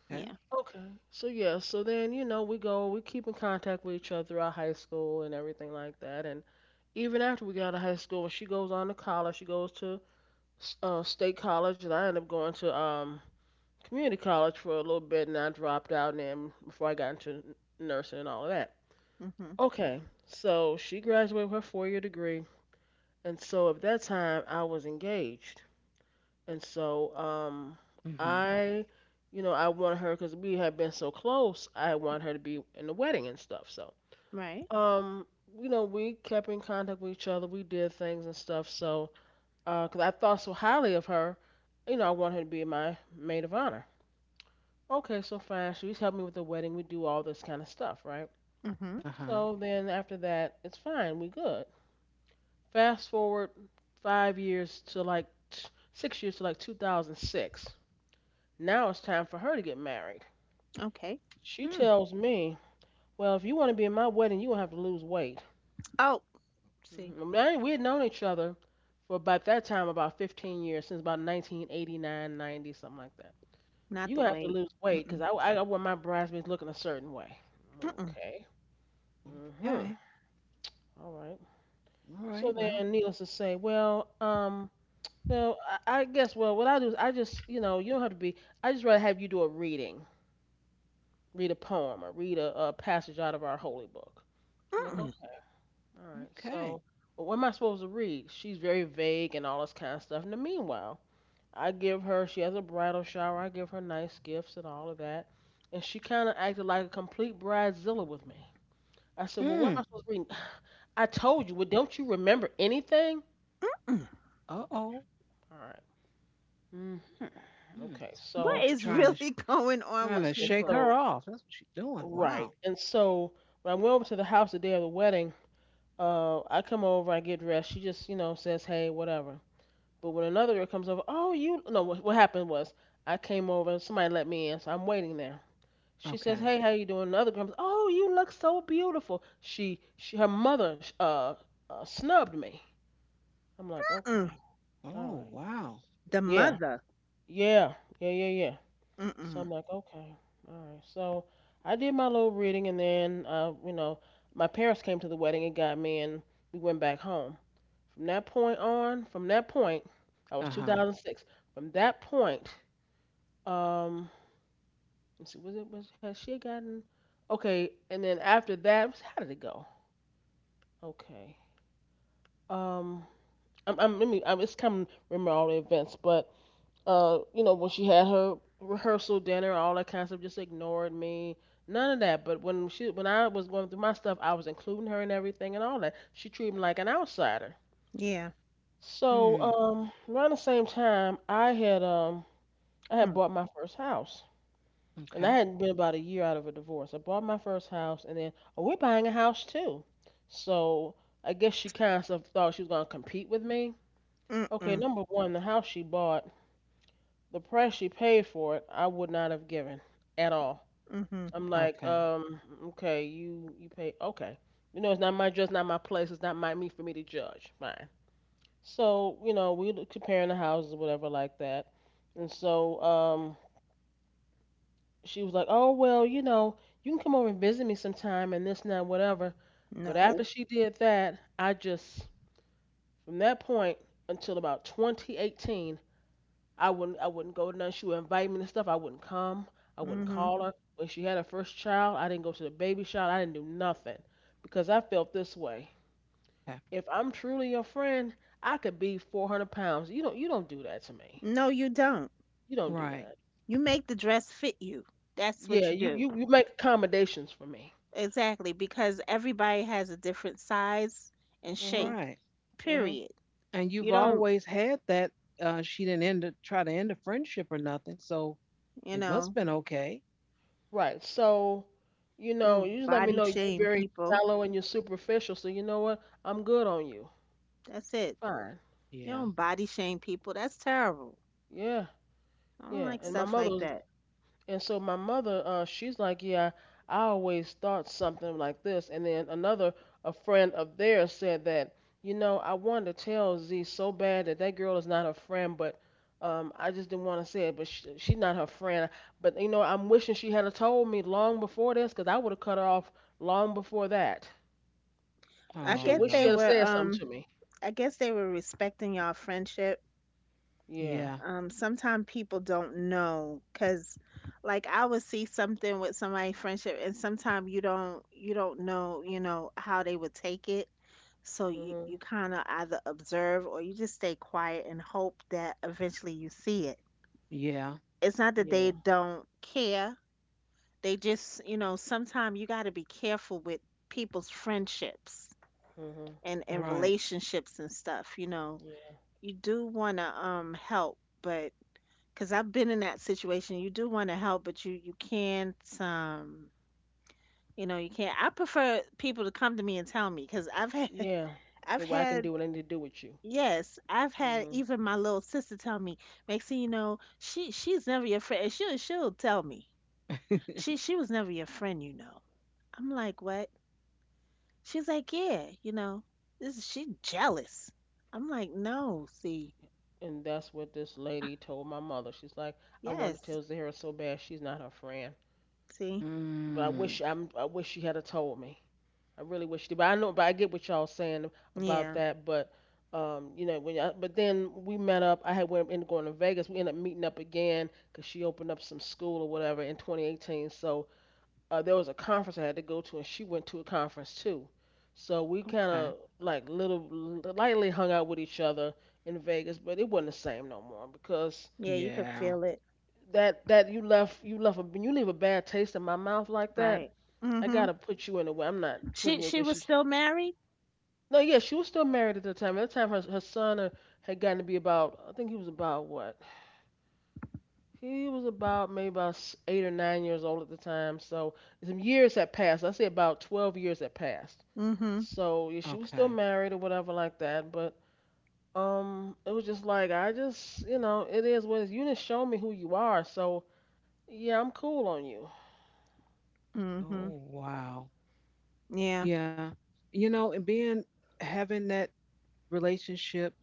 Speaker 1: Okay.
Speaker 3: Yeah.
Speaker 2: Okay. So yeah, so then, you know, we keep in contact with each other throughout high school and everything like that. And even after we got out of high school, when she goes on to college, she goes to state college, and I ended up going to community college for a little bit, and I dropped out, and then before I got into nursing and all of that.
Speaker 3: Mhm.
Speaker 2: Okay. So she graduated with her four-year degree, and so at that time I was engaged. And so,
Speaker 1: Mm-hmm.
Speaker 2: I, you know, I want her because we had been so close. I want her to be in the wedding and stuff. So,
Speaker 3: Right.
Speaker 2: um, you know, we kept in contact with each other. We did things and stuff. So, because I thought so highly of her, you know, I want her to be my maid of honor. Okay, so fine. She's helping me with the wedding. We do all this kind of stuff, right?
Speaker 1: Uh
Speaker 3: Mhm.
Speaker 1: huh.
Speaker 2: So then after that, it's fine. We good. Fast forward 5 years to like 6 years to like 2006. Now it's time for her to get married.
Speaker 3: Okay.
Speaker 2: She
Speaker 1: Mm.
Speaker 2: tells me, "Well, if you want to be in my wedding, you're going to have to lose weight."
Speaker 3: Oh, see,
Speaker 2: Mhm. We had known each other for about that time about 15 years, since about 1989, 90, something like that.
Speaker 3: not
Speaker 2: You're
Speaker 3: the
Speaker 2: going to have to
Speaker 3: weight.
Speaker 2: lose weight
Speaker 3: Mm-mm.
Speaker 2: because I want my bridesmaids looking a certain way.
Speaker 3: Mm-mm.
Speaker 2: Okay. Mm-hmm.
Speaker 1: Okay.
Speaker 2: All right.
Speaker 1: All right.
Speaker 2: So
Speaker 1: Well.
Speaker 2: then, needless to say, well, well, I guess, well, what I do is I just, you know, you don't have to be. I just rather have you do a reading, read a poem, or read a passage out of our holy book. I'm like,
Speaker 3: Mm-mm.
Speaker 2: okay, all right.
Speaker 1: Okay.
Speaker 2: So, well, what am I supposed to read? She's very vague and all this kind of stuff. And then meanwhile, she has a bridal shower. I give her nice gifts and all of that. And she kind of acted like a complete bridezilla with me. I said, well, what
Speaker 1: Mm.
Speaker 2: am I supposed to read? I told you, well, don't you remember anything?
Speaker 1: Uh
Speaker 2: Okay,
Speaker 1: oh.
Speaker 2: all right. Mm,
Speaker 1: Mm.
Speaker 2: okay,
Speaker 1: Now
Speaker 3: What
Speaker 2: so
Speaker 1: she's
Speaker 3: is
Speaker 1: trying to
Speaker 3: really [LAUGHS] going on
Speaker 1: trying
Speaker 2: I
Speaker 3: with
Speaker 1: to
Speaker 2: said,
Speaker 1: shake
Speaker 3: people?
Speaker 1: her
Speaker 2: so,
Speaker 1: off. That's what she's doing.
Speaker 2: right.
Speaker 1: Wow.
Speaker 2: And so when I went over to the house the day of the wedding, I come over, I get dressed. She just, you know, says, hey, whatever. But when another girl comes over, oh, you no. What happened was I came over. Somebody let me in, so I'm waiting there. She says,
Speaker 1: Okay.
Speaker 2: "Hey, how you doing?" Another girl comes, "Oh, you look so beautiful." Her mother, snubbed me. I'm like,
Speaker 3: Mm-mm.
Speaker 2: okay, all
Speaker 1: Oh
Speaker 2: right,
Speaker 1: wow.
Speaker 3: The
Speaker 2: yeah,
Speaker 3: mother.
Speaker 2: yeah, yeah, yeah, yeah. So
Speaker 3: Mm-mm.
Speaker 2: I'm like, okay, all right. So I did my little reading, and then, you know, my parents came to the wedding and got me, and we went back home. From that point, that
Speaker 1: Uh
Speaker 2: was
Speaker 1: huh.
Speaker 2: 2006. From that point Um, let's see, was it was has she gotten? Okay, and then after that, how did it go? Okay. Um, I'm let me. I'm just coming. Remember all the events, but you know when she had her rehearsal dinner, all that kind of stuff, just ignored me. None of that. But when she, when I was going through my stuff, I was including her in everything and all that. She treated me like an outsider.
Speaker 3: Yeah.
Speaker 2: So
Speaker 1: Mm.
Speaker 2: around the same time, I had
Speaker 3: Mm.
Speaker 2: bought my first house. And I
Speaker 1: Okay.
Speaker 2: hadn't been about a year out of a divorce. I bought my first house, and then oh, we're buying a house too. So I guess she kind of thought she was gonna compete with me. Okay,
Speaker 3: Mm-mm.
Speaker 2: number one, the house she bought, the price she paid for it, I would not have given at all.
Speaker 3: Mm-hmm.
Speaker 2: I'm like,
Speaker 1: Okay.
Speaker 2: okay, you pay, okay, you know, it's not my dress, not my place, it's not my me for me to judge. Fine. So you know, comparing the houses, whatever, like that. And so she was like, "Oh well, you know, you can come over and visit me sometime and this and that, whatever." But
Speaker 3: No.
Speaker 2: after she did that, I just from that point until about 2018, I wouldn't go to none. She would invite me to stuff. I wouldn't come. I wouldn't
Speaker 3: Mm-hmm.
Speaker 2: call her. When she had her first child, I didn't go to the baby shower. I didn't do nothing because I felt this way.
Speaker 1: Okay.
Speaker 2: If I'm truly your friend, I could be 400 pounds. You don't do that to me.
Speaker 3: No, you don't.
Speaker 2: You don't do
Speaker 1: Right.
Speaker 2: that.
Speaker 3: You make the dress fit you. That's what
Speaker 2: Yeah,
Speaker 3: you do.
Speaker 2: you make accommodations for me.
Speaker 3: Exactly, because everybody has a different size and
Speaker 2: Mhm.
Speaker 3: shape.
Speaker 1: Right.
Speaker 2: Mhm.
Speaker 3: Period.
Speaker 1: And
Speaker 3: You
Speaker 1: you've
Speaker 3: don't,
Speaker 1: always had that. She didn't end it, try to end a friendship or nothing, so
Speaker 3: you
Speaker 1: it must
Speaker 3: know,
Speaker 1: been okay.
Speaker 2: Right. So, you
Speaker 3: you
Speaker 2: know, you
Speaker 3: don't
Speaker 2: just let me
Speaker 3: body
Speaker 2: know you're
Speaker 3: shame
Speaker 2: very
Speaker 3: people.
Speaker 2: shallow and you're superficial. So you know what? I'm good on you.
Speaker 3: That's it.
Speaker 2: Fine.
Speaker 3: You
Speaker 1: Yeah.
Speaker 3: don't body shame people. That's terrible.
Speaker 2: Yeah.
Speaker 3: I don't
Speaker 2: Yeah.
Speaker 3: like
Speaker 2: And my
Speaker 3: stuff
Speaker 2: mother
Speaker 3: like
Speaker 2: was,
Speaker 3: that.
Speaker 2: and so my mother, she's like, yeah, I always thought something like this. And then another, a friend of theirs said that, you know, I wanted to tell Z so bad that that girl is not her friend, but I just didn't want to say it. But she's not her friend. But you know, I'm wishing she had told me long before this, 'cause I would have cut her off long before that.
Speaker 3: I
Speaker 1: Oh
Speaker 2: I
Speaker 3: guess
Speaker 2: wish
Speaker 3: they
Speaker 1: no.
Speaker 2: you had
Speaker 3: were,
Speaker 2: said something to me.
Speaker 3: I guess they were respecting y'all friendship.
Speaker 2: Yeah.
Speaker 1: Yeah.
Speaker 3: Sometimes people don't know, because like I would see something with somebody friendship and sometimes you don't know, you know, how they would take it. So you,
Speaker 2: Mhm.
Speaker 3: you kind of either observe or you just stay quiet and hope that eventually you see it.
Speaker 1: Yeah.
Speaker 3: It's not that they
Speaker 2: Yeah.
Speaker 3: don't care, they just, you know, sometimes you got to be careful with people's friendships
Speaker 2: Mhm.
Speaker 3: and
Speaker 1: Right.
Speaker 3: relationships and stuff, you know.
Speaker 2: Yeah.
Speaker 3: You do want to help, but because I've been in that situation. You do want to help, but you can't. You know, you can't. I prefer people to come to me and tell me because I've had [LAUGHS]
Speaker 2: Yeah. Yeah.
Speaker 3: I've
Speaker 2: Well, I can
Speaker 3: had,
Speaker 2: do what I need to do with you.
Speaker 3: yes, I've had
Speaker 2: Mhm.
Speaker 3: even my little sister tell me, Maxine, you know, she's never your friend. And she'll tell me
Speaker 1: [LAUGHS]
Speaker 3: she was never your friend. You know, I'm like what? She's like yeah, you know, this is she jealous. I'm like no, see,
Speaker 2: And that's what this lady told my mother. She's like, I want to
Speaker 3: yes,
Speaker 2: tell Zahira so bad she's not her friend.
Speaker 3: see,
Speaker 2: But
Speaker 1: Mm,
Speaker 2: I'm I wish she had a told me. I really wish she did. But I know but I get what y'all saying about
Speaker 3: yeah,
Speaker 2: that, but you know, but then we met up. I had went ended up going to Vegas. We ended up meeting up again because she opened up some school or whatever in 2018. So there was a conference I had to go to, and she went to a conference too. So we kind
Speaker 1: okay.
Speaker 2: of like little lightly hung out with each other in Vegas, but it wasn't the same no more because
Speaker 3: yeah, you can feel
Speaker 1: Yeah.
Speaker 3: it,
Speaker 2: that you left a when you leave a bad taste in my mouth like that.
Speaker 3: right?
Speaker 2: I
Speaker 3: Mhm.
Speaker 2: gotta put you in a way. I'm not putting you
Speaker 3: She
Speaker 2: where
Speaker 3: was
Speaker 2: she.
Speaker 3: still married?
Speaker 2: No, yeah, she was still married at the time. At the time, her son had gotten to be about. I think he was about what? He was about maybe about 8 or 9 years old at the time. So some years had passed. I say about 12 years had passed.
Speaker 3: Mm-hmm.
Speaker 2: So yeah, she was still
Speaker 1: Okay.
Speaker 2: married or whatever like that, but it was just like I just you know it is what it is. You didn't show me who you are, so yeah, I'm cool on you.
Speaker 3: Mm-hmm.
Speaker 1: Oh, wow.
Speaker 3: Yeah.
Speaker 1: Yeah. You know, and being having that relationship,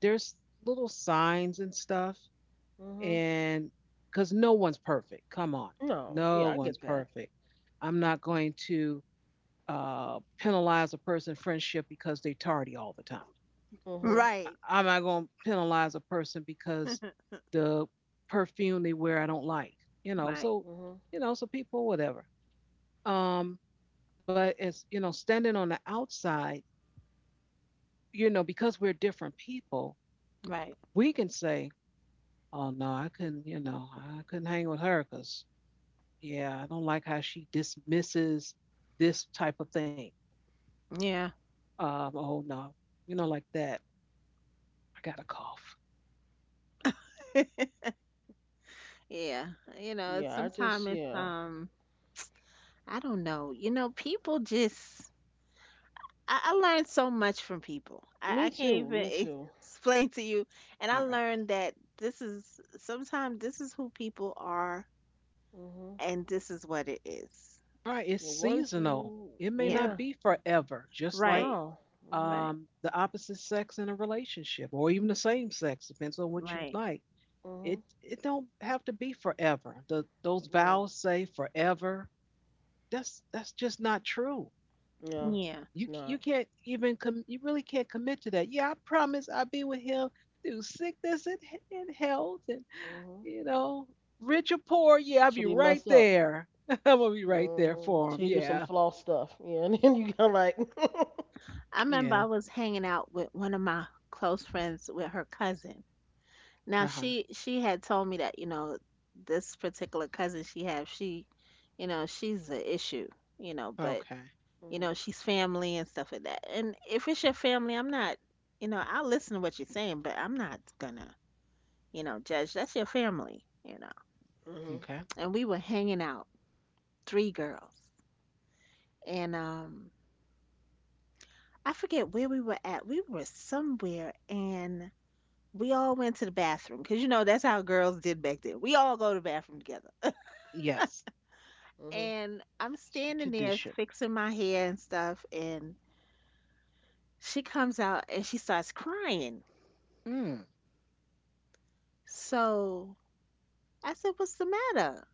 Speaker 1: there's little signs and stuff
Speaker 2: Mhm.
Speaker 1: and because no one's perfect. Come on,
Speaker 2: No, yeah, I
Speaker 1: no
Speaker 2: get
Speaker 1: one's
Speaker 2: that.
Speaker 1: perfect. I'm not going to penalize a person's friendship because they tardy all the time.
Speaker 2: Mhm.
Speaker 1: I-
Speaker 3: Right.
Speaker 1: I'm not going to penalize a person because
Speaker 3: [LAUGHS]
Speaker 1: the perfume they wear I don't like. You know,
Speaker 3: Right.
Speaker 1: so
Speaker 2: Mhm.
Speaker 1: you know, so people whatever. Um, but it's you know, standing on the outside, you know, because we're different people,
Speaker 3: Right.
Speaker 1: we can say, "Oh no, I couldn't," you know, I couldn't hang with her because yeah, I don't like how she dismisses this type of thing.
Speaker 3: Yeah.
Speaker 1: Oh no, you know, like that. I got a cough.
Speaker 3: [LAUGHS] Yeah. You know, it's
Speaker 2: Yeah, I just
Speaker 3: sometimes it's
Speaker 2: yeah.
Speaker 3: I don't know. You know, people just I learned so much from people.
Speaker 2: Me
Speaker 3: I can't
Speaker 2: too. Me
Speaker 3: even
Speaker 2: too.
Speaker 3: [LAUGHS] explain to you. And I
Speaker 1: All right.
Speaker 3: learned that this is sometimes this is who people are
Speaker 2: Mhm.
Speaker 3: and this is what it is.
Speaker 1: All right,
Speaker 2: Yeah.
Speaker 1: it's
Speaker 2: Once
Speaker 1: seasonal.
Speaker 2: you
Speaker 1: It may not
Speaker 2: yeah.
Speaker 3: Yeah.
Speaker 1: be forever, just like
Speaker 3: Right.
Speaker 2: No. Mhm.
Speaker 3: Right.
Speaker 1: the opposite sex in a relationship or even the same sex, depends on what you
Speaker 3: Right.
Speaker 1: like. It
Speaker 2: Mhm.
Speaker 1: it don't have to be forever. Those
Speaker 2: Right.
Speaker 1: vows say forever. That's just not true.
Speaker 2: No,
Speaker 3: Yeah.
Speaker 2: it's
Speaker 1: You
Speaker 2: not.
Speaker 1: can't even you really can't commit to that. Yeah, I promise I'll be with him through sickness and health and
Speaker 2: Mhm.
Speaker 1: you know, rich or poor, yeah, I'll be
Speaker 2: Till you
Speaker 1: right
Speaker 2: mess up.
Speaker 1: there. [LAUGHS] I'm gonna be right there
Speaker 2: Mhm.
Speaker 1: for
Speaker 2: Till
Speaker 1: him.
Speaker 2: you do some
Speaker 1: Yeah.
Speaker 2: flaw stuff. Yeah, [LAUGHS] and then you go like. [LAUGHS]
Speaker 3: I remember
Speaker 1: Yeah.
Speaker 3: I was hanging out with one of my close friends with her cousin. Now
Speaker 1: Uh-huh.
Speaker 3: she had told me that, you know, this particular cousin she have, she, you know, she's the issue, you know, but
Speaker 1: Okay.
Speaker 3: you know,
Speaker 2: Mhm.
Speaker 3: she's family and stuff like that. And if it's your family, I'm not, you know, I'll listen to what you're saying, but I'm not gonna, you know, judge. That's your family, you know.
Speaker 2: Mhm.
Speaker 1: Okay.
Speaker 3: And we were hanging out, three girls. And I forget where we were at. We were somewhere and we all went to the bathroom because you know that's how girls did back then. We all go to the bathroom together.
Speaker 1: Yes.
Speaker 2: Mhm.
Speaker 3: And I'm
Speaker 1: That's your
Speaker 3: standing there
Speaker 1: tradition.
Speaker 3: fixing my hair and stuff, and she comes out and she starts crying.
Speaker 1: Mm.
Speaker 3: So I said, what's the matter?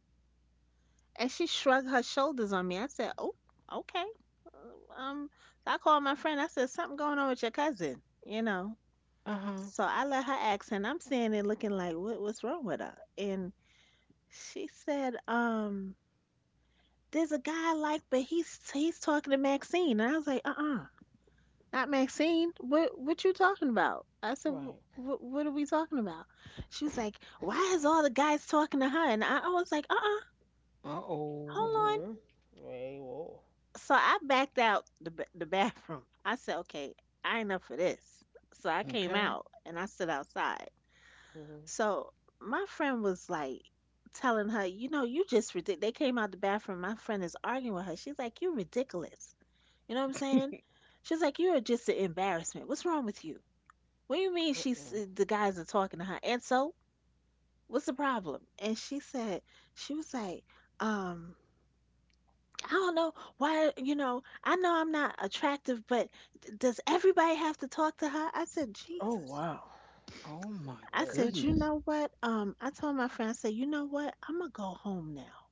Speaker 3: And she shrugged her shoulders on me. I said, oh, okay. Uh, Um, so I called my friend. I said, something going on with your cousin, you know.
Speaker 1: Uh-huh.
Speaker 3: So I let her ask, and I'm standing looking like, what's wrong with her? And she said, there's a guy I like, but he's talking to Maxine. And I was like, not Maxine. What you talking about? I said,
Speaker 2: Right.
Speaker 3: what are we talking about? She was like, why is all the guys talking to her? And I was like,
Speaker 1: Uh-oh.
Speaker 3: hold on.
Speaker 2: Mm-mm. Wait, whoa.
Speaker 3: So I backed out the bathroom. I said, okay, I ain't up for this. So I came
Speaker 1: Okay.
Speaker 3: out and I stood outside.
Speaker 2: Mhm.
Speaker 3: So my friend was like telling her, you know, you just ridiculous. They came out the bathroom. My friend is arguing with her. She's like, you're ridiculous. You know what I'm saying? She's like, you are just an embarrassment. What's wrong with you? What do you mean she's
Speaker 2: Mm-mm.
Speaker 3: the guys are talking to her? And so, what's the problem? And she said, she was like, um, I don't know why, you know, I know I'm not attractive, but does everybody have to talk to her? I said,
Speaker 2: Oh
Speaker 3: Jesus.
Speaker 2: wow.
Speaker 1: Oh
Speaker 2: Gee
Speaker 1: my
Speaker 3: I said,
Speaker 2: whiz.
Speaker 3: you
Speaker 1: goodness.
Speaker 3: know what? I told my friend, I said, you know what? I'm gonna go home now.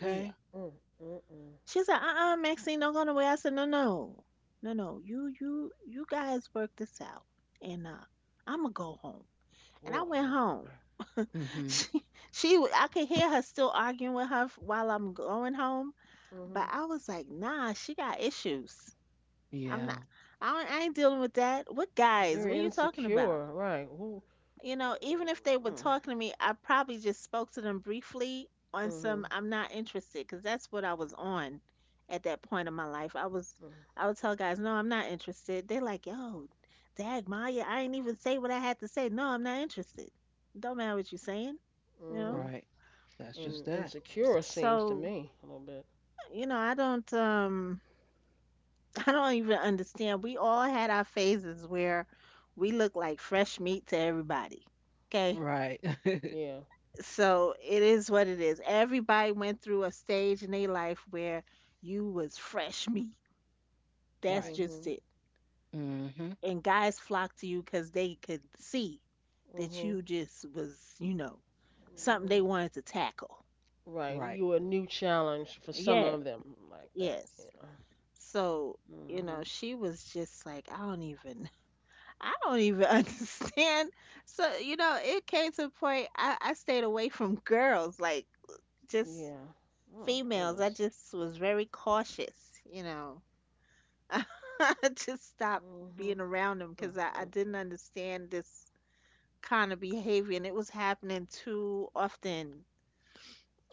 Speaker 3: Yeah.
Speaker 2: Mm, mm, mm.
Speaker 3: She's like, uh-uh, Maxine, don't go nowhere. I said, no, no, no, no. You guys work this out, and I'm gonna go home. And
Speaker 2: Boy,
Speaker 3: I went
Speaker 2: oh boy.
Speaker 3: home. [LAUGHS]
Speaker 1: Mm-hmm.
Speaker 3: She, I could hear her still arguing with her while I'm going home. But
Speaker 2: Mhm.
Speaker 3: I was like, nah, she got issues. I'm
Speaker 1: Yeah.
Speaker 3: not. I ain't dealing with that. What guys? What
Speaker 2: Very
Speaker 3: are you talking about?
Speaker 2: insecure, right? Who?
Speaker 3: You know, even if they were
Speaker 2: Mm.
Speaker 3: talking to me, I probably just spoke to them briefly on some
Speaker 2: Mhm.
Speaker 3: I'm not interested because that's what I was on at that point in my life.
Speaker 2: Mm,
Speaker 3: I would tell guys, "No, I'm not interested." They're like, "Yo, dag Maya, I ain't even say what I had to say. No, I'm not interested. Don't matter what you're saying." You know?
Speaker 2: mhm.
Speaker 1: Right. That's just
Speaker 2: And
Speaker 1: that.
Speaker 2: insecure seems to
Speaker 3: So,
Speaker 2: me a little bit.
Speaker 3: you know, I don't [LAUGHS] I don't even understand. We all had our phases where we look like fresh meat to everybody. Okay?
Speaker 1: Right.
Speaker 2: Yeah.
Speaker 3: So it is what it is. Everybody went through a stage in their life where you was fresh meat.
Speaker 1: [LAUGHS] Right.
Speaker 3: That's just
Speaker 2: Mhm.
Speaker 3: it.
Speaker 1: Hmm.
Speaker 3: And guys flocked to you because they could see that
Speaker 2: Mhm.
Speaker 3: you just was, you know, something
Speaker 2: Mhm.
Speaker 3: they wanted to tackle.
Speaker 2: Right.
Speaker 1: Right.
Speaker 2: You a new challenge for some of
Speaker 3: Yes,
Speaker 2: them like that.
Speaker 3: yes.
Speaker 2: Yeah.
Speaker 3: So, you know,
Speaker 2: Mhm.
Speaker 3: she was just like, I don't even, [LAUGHS] I don't even [LAUGHS] understand. So, you know, it came to a point I stayed away from girls, like just
Speaker 2: Yeah. Oh
Speaker 3: females, I
Speaker 2: goodness.
Speaker 3: just was very cautious, you know. [LAUGHS] I just stopped
Speaker 2: Mhm.
Speaker 3: being around them because I didn't
Speaker 2: Mm-hmm.
Speaker 3: understand this kind of behavior and it was happening too often.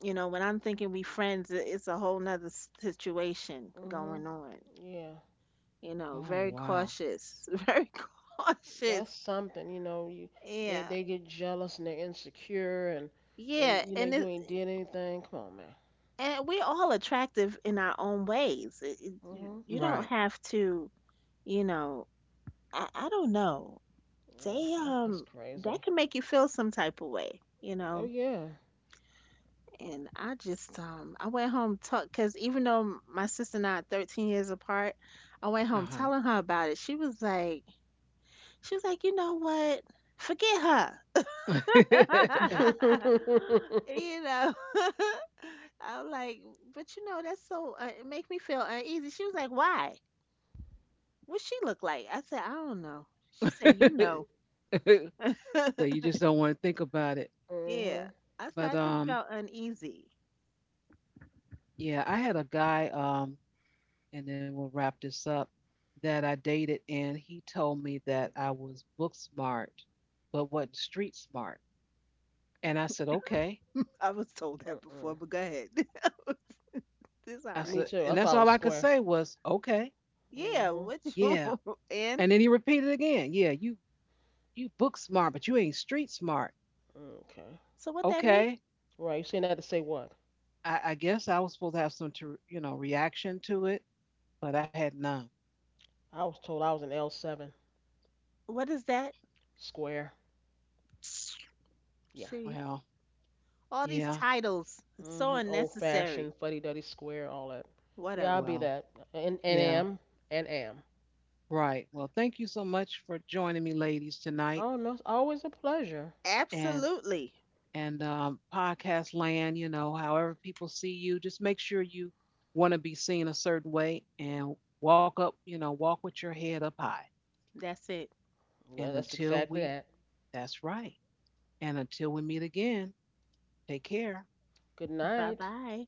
Speaker 3: You know, when I'm thinking we friends, it's a whole nother situation going on.
Speaker 2: Yeah,
Speaker 3: You know,
Speaker 1: Oh
Speaker 3: very
Speaker 1: wow.
Speaker 3: cautious, [LAUGHS] very
Speaker 2: that's
Speaker 3: cautious.
Speaker 2: something. You know, you
Speaker 3: Yeah.
Speaker 2: they get jealous and they're insecure
Speaker 3: Yeah,
Speaker 2: and you know
Speaker 3: and
Speaker 2: you
Speaker 3: it
Speaker 2: ain't did anything. Come on, man.
Speaker 3: and we're all attractive in our own ways.
Speaker 2: Hmm.
Speaker 3: You
Speaker 1: Right.
Speaker 3: don't have to, you know, I don't know.
Speaker 2: Yeah,
Speaker 3: They
Speaker 2: that, that's crazy.
Speaker 3: that can make you feel some type of way, you
Speaker 2: Oh
Speaker 3: know.
Speaker 2: yeah.
Speaker 3: And I just I went home talk because even though my sister and I are 13 years apart, I went home
Speaker 1: Uh-huh.
Speaker 3: telling her about it. She was like, you know what? Forget her.
Speaker 1: [LAUGHS]
Speaker 2: [LAUGHS]
Speaker 3: [LAUGHS]
Speaker 2: Mhm.
Speaker 3: You know. [LAUGHS] I'm like, but you know, that's so it make me feel uneasy. She was like, why? What she look like? I said, I don't know. She said, you know.
Speaker 1: So you
Speaker 3: [LAUGHS]
Speaker 1: just don't want to think about it.
Speaker 3: Yeah.
Speaker 2: Mm-mm.
Speaker 3: I said,
Speaker 1: But
Speaker 3: I just felt uneasy.
Speaker 1: yeah, I had a guy and then we'll wrap this up that I dated and he told me that I was book smart but wasn't street smart. And I said, "Okay."
Speaker 3: I was told that before, but go ahead. [LAUGHS] It's all
Speaker 1: I
Speaker 2: Me
Speaker 3: right.
Speaker 1: said,
Speaker 2: too.
Speaker 1: and
Speaker 2: That's why
Speaker 1: that's
Speaker 2: I
Speaker 1: all
Speaker 2: was
Speaker 1: I could
Speaker 2: square.
Speaker 1: say was, "Okay."
Speaker 3: Yeah,
Speaker 2: Mhm.
Speaker 3: what
Speaker 1: Yeah.
Speaker 3: you [LAUGHS]
Speaker 1: And
Speaker 3: and
Speaker 1: then he repeated again, "Yeah, you book smart, but you ain't street smart."
Speaker 2: Okay.
Speaker 3: so what that mean?
Speaker 1: Okay.
Speaker 2: Right. You saying that to say what?
Speaker 1: I guess I was supposed to have some, to, you know, reaction to it, but I had none.
Speaker 2: I was told I was an L7
Speaker 3: What is that?
Speaker 2: square. Yeah.
Speaker 3: See,
Speaker 1: Well,
Speaker 3: all these
Speaker 1: yeah,
Speaker 3: titles, it's so
Speaker 2: Mhm. Old
Speaker 3: unnecessary.
Speaker 2: fashioned, fuddy duddy square, all that. Yeah, I'll
Speaker 3: Whatever.
Speaker 2: be
Speaker 1: well,
Speaker 2: that. And and
Speaker 1: yeah,
Speaker 2: am and am.
Speaker 1: right. Well, thank you so much for joining me, ladies, tonight,
Speaker 2: Oh, no, it's always a pleasure.
Speaker 1: and
Speaker 3: Absolutely.
Speaker 1: podcast land. You know, however people see you, just make sure you want to be seen a certain way and walk up. You know, walk with your head up high.
Speaker 3: That's it.
Speaker 2: Yeah,
Speaker 1: And
Speaker 2: that's exactly that.
Speaker 1: that's right. And until we meet again, take care.
Speaker 2: Good
Speaker 3: Bye
Speaker 2: night.
Speaker 3: bye.